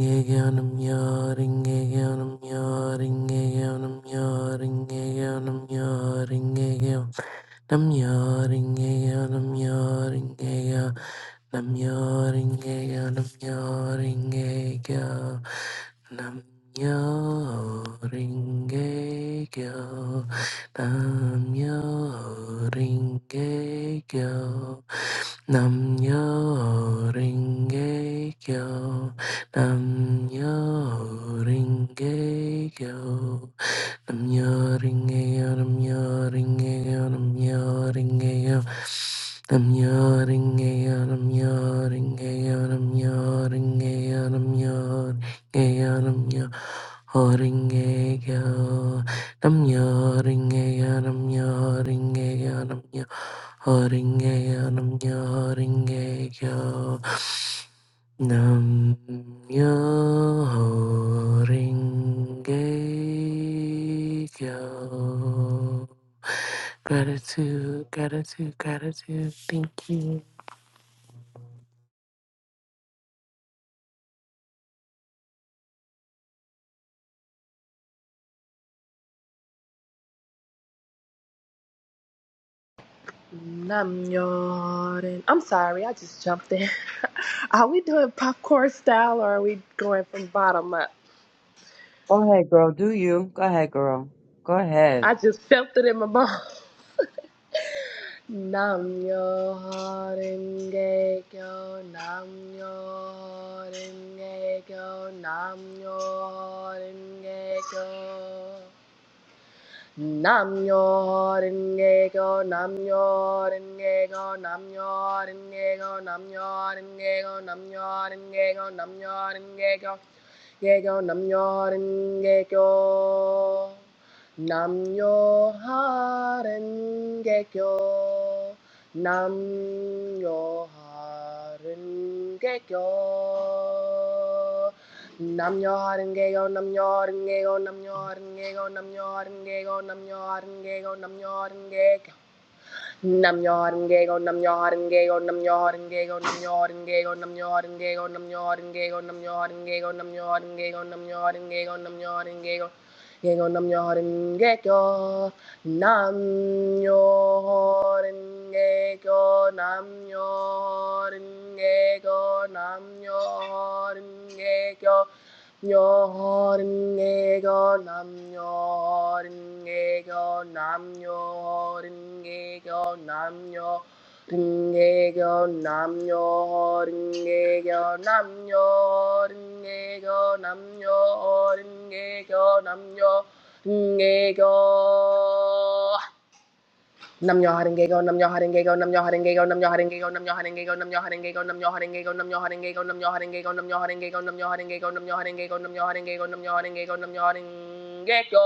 S12: again, I'm yawning again, I'm yawning again, I'm yawning again, I'm yawning Nam yo yoring yo, nam yo yoring yo, nam yo yoring yo, nam yo yoring yo, nam yo yoring yo, nam yo yoring yo, nam yoring ayo, nam yoring ayo. I'm yawning, out, I'm yawning, out, I'm yawning, out. I'm yawning, out, I'm yawning, out, I'm yawning, out, I'm yawning, out, I'm I'm yawning, out, I'm yawning, out, I'm yawning, out, I'm yawning, out. Nam Myoho Renge Kyo. Gratitude, gratitude, gratitude. Thank you.
S5: Nam Yoden. I'm sorry, I just jumped in. are we doing popcorn style or are we going from bottom up?
S6: Go ahead, girl. Do you? Go ahead, girl. Go ahead.
S5: I just felt it in my bones. Nam Yoden Gekyo, Nam Yoden Gekyo, Nam Yoden Gekyo. Nam-myoho-renge-kyo, Nam-myoho-renge-kyo, Nam-myoho-renge-kyo, Nam-myoho-renge-kyo, nam yo renge kyo Nam-myoho-renge-kyo, Gekyo, Nam-myoho-renge-kyo, Nam-myoho-renge-kyo, Nam-myoho-renge-kyo. yo renge go, nam yo renge go, nam yo renge go, ye go, nam yo renge go, nam yo ha renge go, nam yo ha renge go. Nam yo harenge go nam yo harenge go nam yo harenge go nam yo harenge go nam yo harenge go nam yo harenge go nam yo harenge go nam yo harenge go nam yo harenge go nam yo harenge go nam yo harenge go nam yo harenge go nam yo harenge go nam yo harenge go nam yo harenge go nam yo harenge go Yego nam yo harenge go nam yo harenge go nam yo nam yo Yoringeyo nam yoringeyo nam yoringeyo nam yoringeyo nam yoringeyo nam yoringeyo nam yoringeyo nam yoringeyo Nam yo haring go nam yo haring go nam yo haring go nam yo haring go nam yo haring go nam yo haring go nam yo haring go nam yo haring go nam yo haring go nam yo haring go nam yo haring go nam yo haring go nam yo haring go nam yo haring go nam yo haring go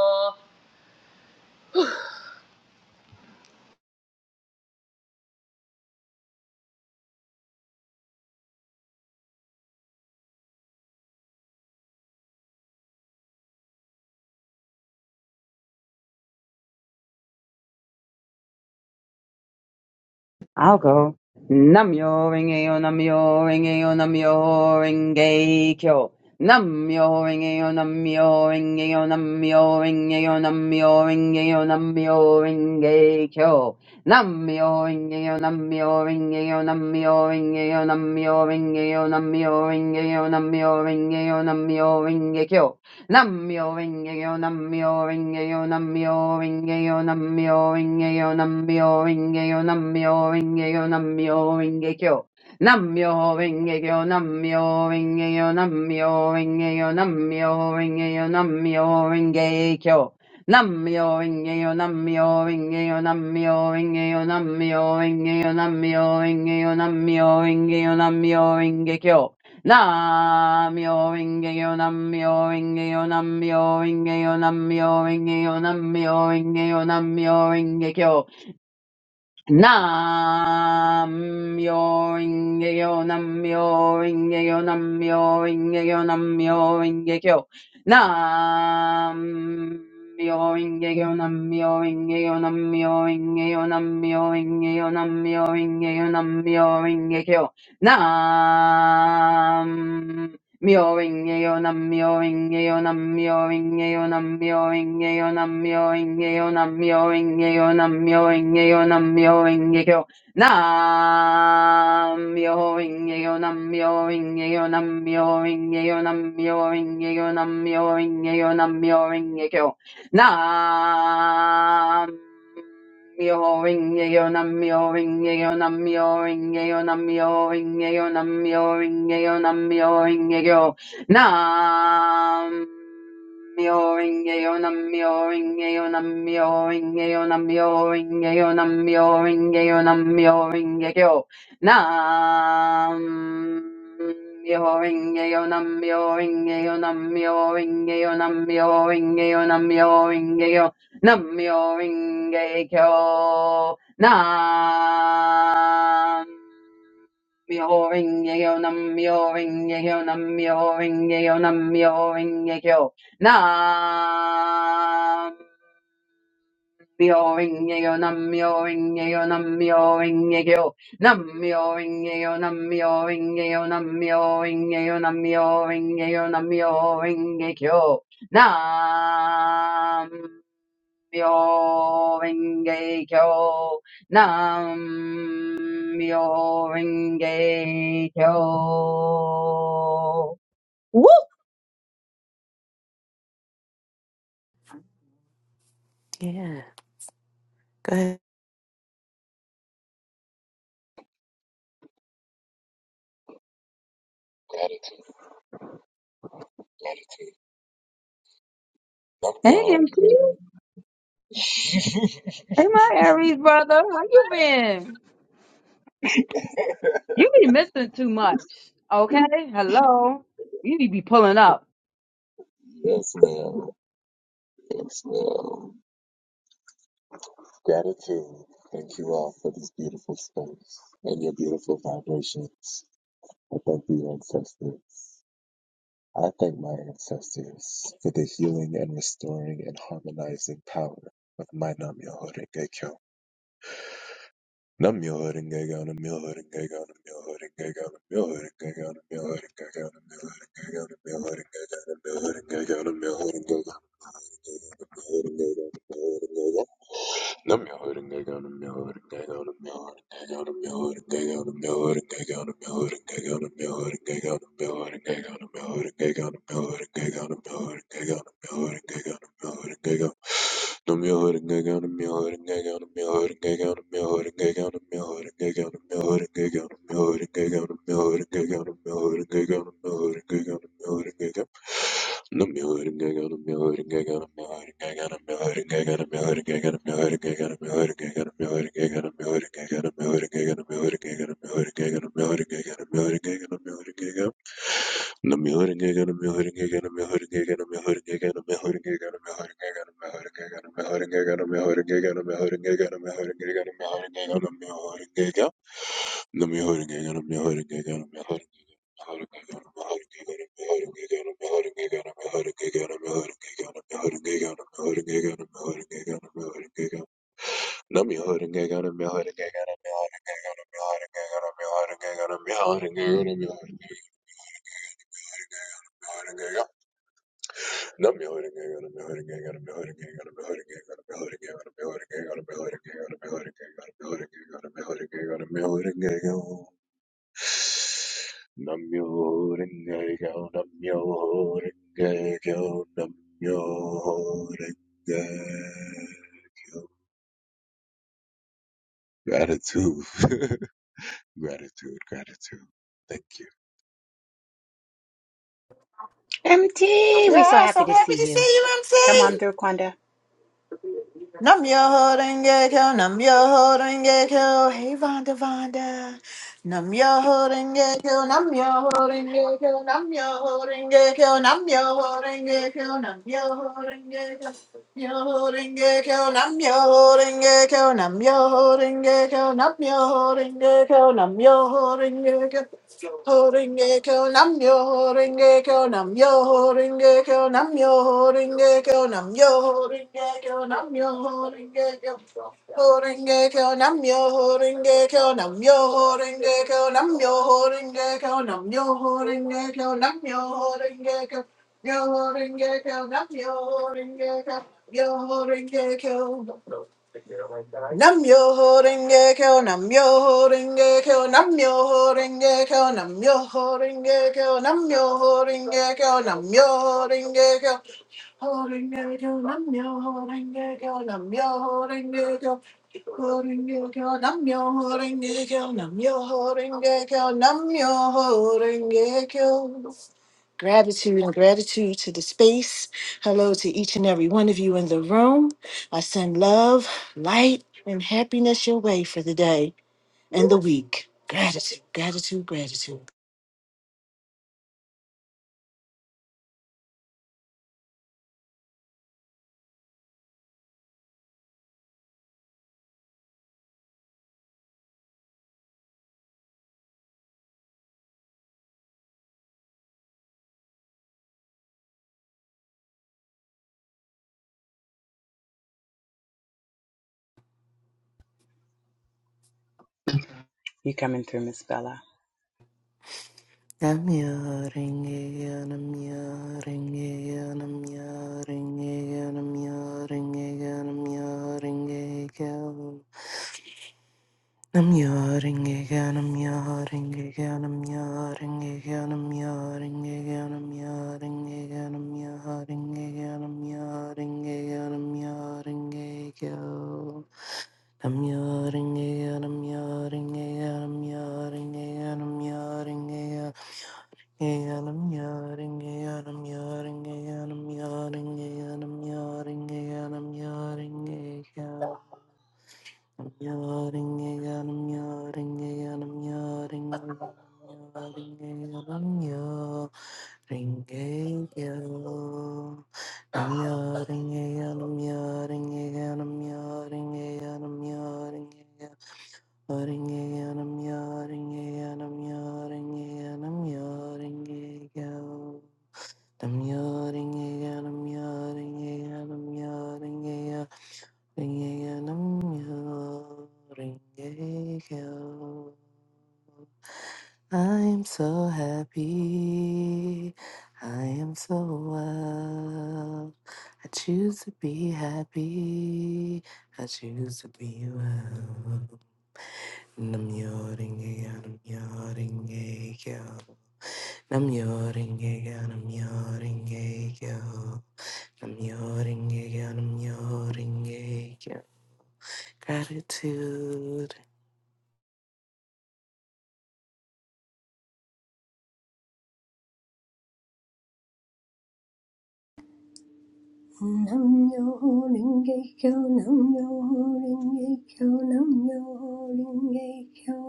S6: I'll go. Namyo Rengeyo Namyo Rengeyo Namyo Renge Kyo. Namyo Rengeyo Namyo Rengeyo Namyo Rengeyo Namyo Rengeyo Namyo Renge Kyo. Namyo Rengeyo Namyo Rengeyo Namyo Rengeyo Namyo Rengeyo Namyo Rengeyo Namyo Rengeyo Namyo Renge Kyo. Namyo Rengeyo Namyo Rengeyo Namyo Rengeyo Namyo Rengeyo Namyo Rengeyo Namyo Rengeyo Namyo Rengekyo Namyo Rengeyo Namyo Rengeyo Namyo Rengeyo Namyo Rengeyo Namyo Rengekyo Namyo Rengeyo Namyo Rengeyo Namyo Rengeyo Namyo Rengeyo Namyo Rengeyo Namyo Rengeyo Namyo Rengekyo nam myoho renge kyo nam myoho renge kyo nam myoho renge kyo nam myoho renge kyo nam myoho renge kyo nam myoho renge kyo nam myoho renge kyo nam myoho renge kyo nam myoho renge kyo nam myoho renge kyo nam myoho renge kyo nam myoho renge kyo nam myoho renge kyo nam myoho renge kyo nam Mioing eonam mioing eonam mioing eonam mioing eonam mioing eonam mioing eonam mioing eonam mioing eo nam, mioing eonam mioing eonam mioing eonam mioing eonam mioing eonam mioing eo Nam Mjöringe och mjöringe och mjöringe och mjöringe och mjöringe och mjöringe och Namyo Rinkeyo Namyo Rinkeyo Namyo Rinkeyo Namyo Rinkeyo Namyo Rinkeyo Namyo Rinkeyo Namyo Rinkeyo Namyo Rinkeyo Namyo Rinkeyo Namyo Rinkeyo Namyo Rinkeyo Nam Myoho renge kyo nam myoho renge kyo nam myoho renge kyo nam myoho renge kyo nam myoho renge kyo nam myoho renge kyo nam myoho renge kyo nam myoho renge kyo nam myoho renge kyo nam myoho renge kyo nam myoho renge kyo nam myoho renge kyo nam Myo Renge Kyo Nam Myo Renge Kyo. Woo!
S12: Yeah. Go ahead.
S13: Gratitude, gratitude. Love me
S6: Hey,
S13: alone.
S6: MT. Hey, my Aries brother. How you been? You be missing too much. Okay? Hello? You need to be pulling up.
S13: yes, ma'am. Yes, ma'am. Gratitude. Thank you all for this beautiful space and your beautiful vibrations. I thank you, ancestors. I thank my ancestors for the healing and restoring and harmonizing power of my Nam Myoho Renge Kyo. Let me hold it, I got me hold it, I got me hold it. Nam nam renge kyo nam renge kyo nam renge kyo Gratitude, gratitude, gratitude. Thank
S2: MT, we're so
S8: Yes,
S2: happy
S8: I'm
S2: to
S8: happy
S2: see
S8: to see
S2: you.
S8: you,
S2: Come
S8: MC.
S2: on through, Quanda.
S8: Nam yo holding gecko, nam yo holding gecko, hey Vonda Vonda. Nam yo holding gecko, nam yo holding gecko, nam yo holding gecko, nam yo holding gecko, nam yo holding gecko, yo holding gecko, nam yo holding gecko, nam yo holding gecko, nam yo holding gecko, nam yo holding gecko. Horingekyo namyo, horingekyo namyo, horingekyo namyo, horingekyo namyo, horingekyo namyo, horingekyo horingekyo namyo, horingekyo namyo, horingekyo namyo, horingekyo namyo, horingekyo namyo, horingekyo yo horingekyo namyo, horingekyo yo horingekyo Nam Namyo Renge Kyo, Namyo Renge Kyo, Namyo Renge Kyo, Namyo Renge Kyo, Namyo Renge Kyo, nam yo Renge Kyo, ho Renge Kyo, Namyo Renge Kyo, nam yo Renge Kyo, ho Renge Kyo, nam yo Renge Kyo, Namyo Renge Kyo, Namyo Renge Kyo. Gratitude and gratitude to the space. Hello to each and every one of you in the room. I send love, light, and happiness your way for the day and the week. Gratitude, gratitude, gratitude.
S2: You coming through, Miss Bella?
S12: Nam Myoho Renge Kyo, Nam Myoho Renge Kyo, Nam Myoho Renge Kyo, Nam Myoho Renge Kyo, Nam Myoho Renge Kyo. I'm yawning again, I'm yawning again, I'm yawning again, I'm yawning again, I'm yawning again, I'm yawning again, I'm yawning again, I'm yawning again. I'm yawning again, I'm yawning again, I'm yawning again, I'm yawning again. Again, I'm yawning again, I'm yawning again, I'm yawning again, I'm yawning again, I'm yawning again. Yawning, I'm yawning again, I'm yawning again, I'm yawning again, again, I'm yawning again. I am so happy, I am so well. I choose to be happy, I choose to be well. And I'm yawning again, I'm yawning again, I'm yawning again, I'm yawning yeah, yeah. I'm yawning again, I'm yawning again. Gratitude.
S1: Nam yo ho ringe kyo, nam yo ho ringe kyo, nam yo ho ringe kyo.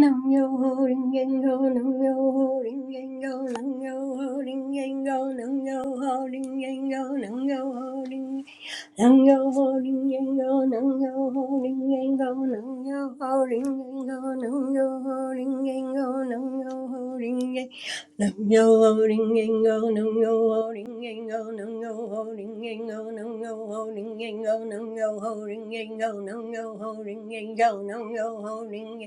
S1: Nam yo ho ringe kyo, nam yo ho ringe kyo, nam yo ho ringe kyo, nam yo ho ringe kyo, nam yo ho ringe Nam yo ho ling yang go, nam yo ho ling yang go, nam yo ho ling yang go, nam yo ho ling yang go, nam yo ho ling yang, nam yo ho ling yang go, nam yo ho ling yang go, nam yo ho ling yang go, nam yo ho ling yang go, nam yo ho ling yang go, nam yo ho ling yang go, nam yo ho ling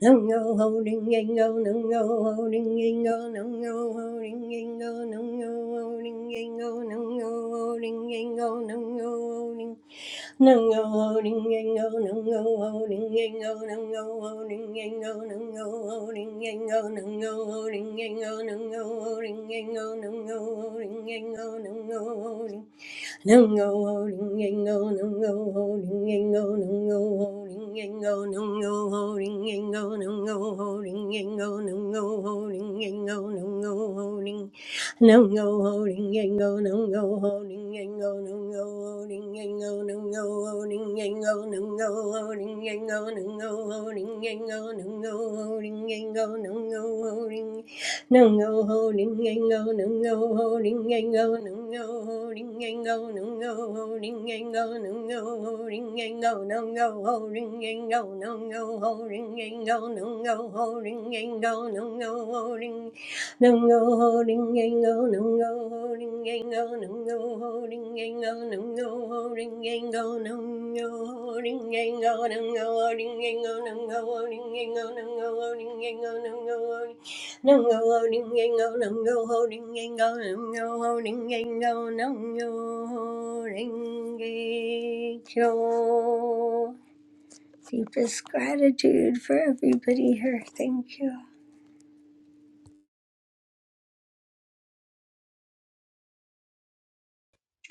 S1: Nungo holding yango, nungo holding yango, nungo holding yango, nungo holding yango, nungo holding yango, nungo holding. Nungo holding yango, nungo holding yango, nungo holding yango, nungo holding yango, nungo holding yango, nungo holding yango, nungo holding yango, nungo holding. Nungo holding yango, nungo holding yango, nungo holding yango, nungo holding yango, nungo holding yango, nungo holding yango, nungo holding no go holding and go, no go holding and go, no go holding and go, no go holding and go, no go holding and go, no go holding and go, no go holding and go, no go holding. No go holding and go, no go holding and go, no go holding and go, no go holding and go, no go holding and go, no go holding and go, no go holding and go, no go holding and go, no go holding. Nungo holding gango, nungo holding gango, nungo holding gango, nungo holding gango, nungo holding gango, nungo holding gango, nungo holding gango, nungo holding gango, nungo holding. No go holding gango, no go holding gango, no go holding gango, no go holding gango. Deepest gratitude for everybody here. Thank you.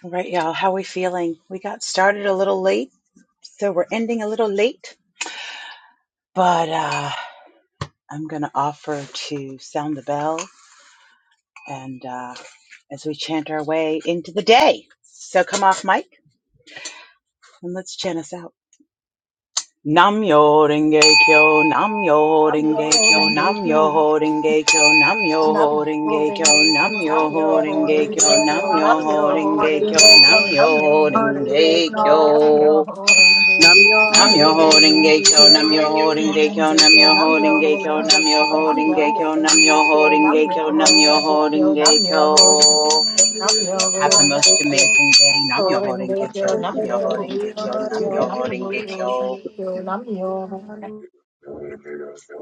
S2: All right, y'all. How we feeling? We got started a little late, so we're ending a little late. But uh, I'm gonna offer to sound the bell, and uh, as we chant our way into the day. So come off mic. And let's chant us out. Nam yo renge kyo, nam yo
S8: I'm your
S2: renge kyo,
S8: holding
S2: nam yo
S8: bacon.
S2: renge kyo, nam yo
S8: I'm
S2: renge
S8: holding
S2: kyo, nam
S8: bacon.
S2: yo
S8: I'm your
S2: renge
S8: holding
S2: kyo,
S8: bacon.
S2: nam
S8: I'm your
S2: yo renge
S8: holding
S2: kyo,
S8: bacon.
S2: nam
S8: I'm your
S2: yo
S8: holding bacon.
S2: renge
S8: I'm
S2: kyo.
S8: your holding
S5: Nam
S8: bacon.
S5: yo
S8: I'm
S2: Nam
S5: haring
S8: your
S2: yo
S5: go
S2: holding
S8: holding
S2: gay
S8: bacon.
S2: kyo, nam yo holding gay
S8: Holding
S2: kyo,
S8: the
S2: nam yo
S8: kill, nam
S2: holding
S8: yo,
S2: gay kyo,
S8: holding
S2: nam
S8: the
S2: yo
S8: kill, nam
S2: holding gay
S8: yo,
S2: kyo, nam
S8: holding
S2: yo
S8: the kill,
S2: holding gay
S8: nam yo,
S2: kyo, nam yo
S8: holding the
S2: holding
S8: kill,
S2: gay
S8: nam
S2: kyo.
S8: yo, holding the kill, nam yo,
S2: Have the
S8: holding
S2: most
S8: the kill,
S2: amazing day. Nam yo
S8: holding
S2: holding
S8: the
S2: gay kyo,
S8: kill,
S5: nam
S2: nam
S8: nam
S5: yo
S2: yo
S5: haring go nam yo haring
S8: yo,
S2: holding
S8: holding
S2: gay kyo,
S8: the
S5: go
S2: nam
S8: kill,
S2: yo
S8: nam
S2: holding
S8: yo,
S2: gay
S8: holding
S2: kyo.
S8: the
S5: nam
S8: kill,
S5: yo
S8: nam yo,
S5: haring go
S13: you.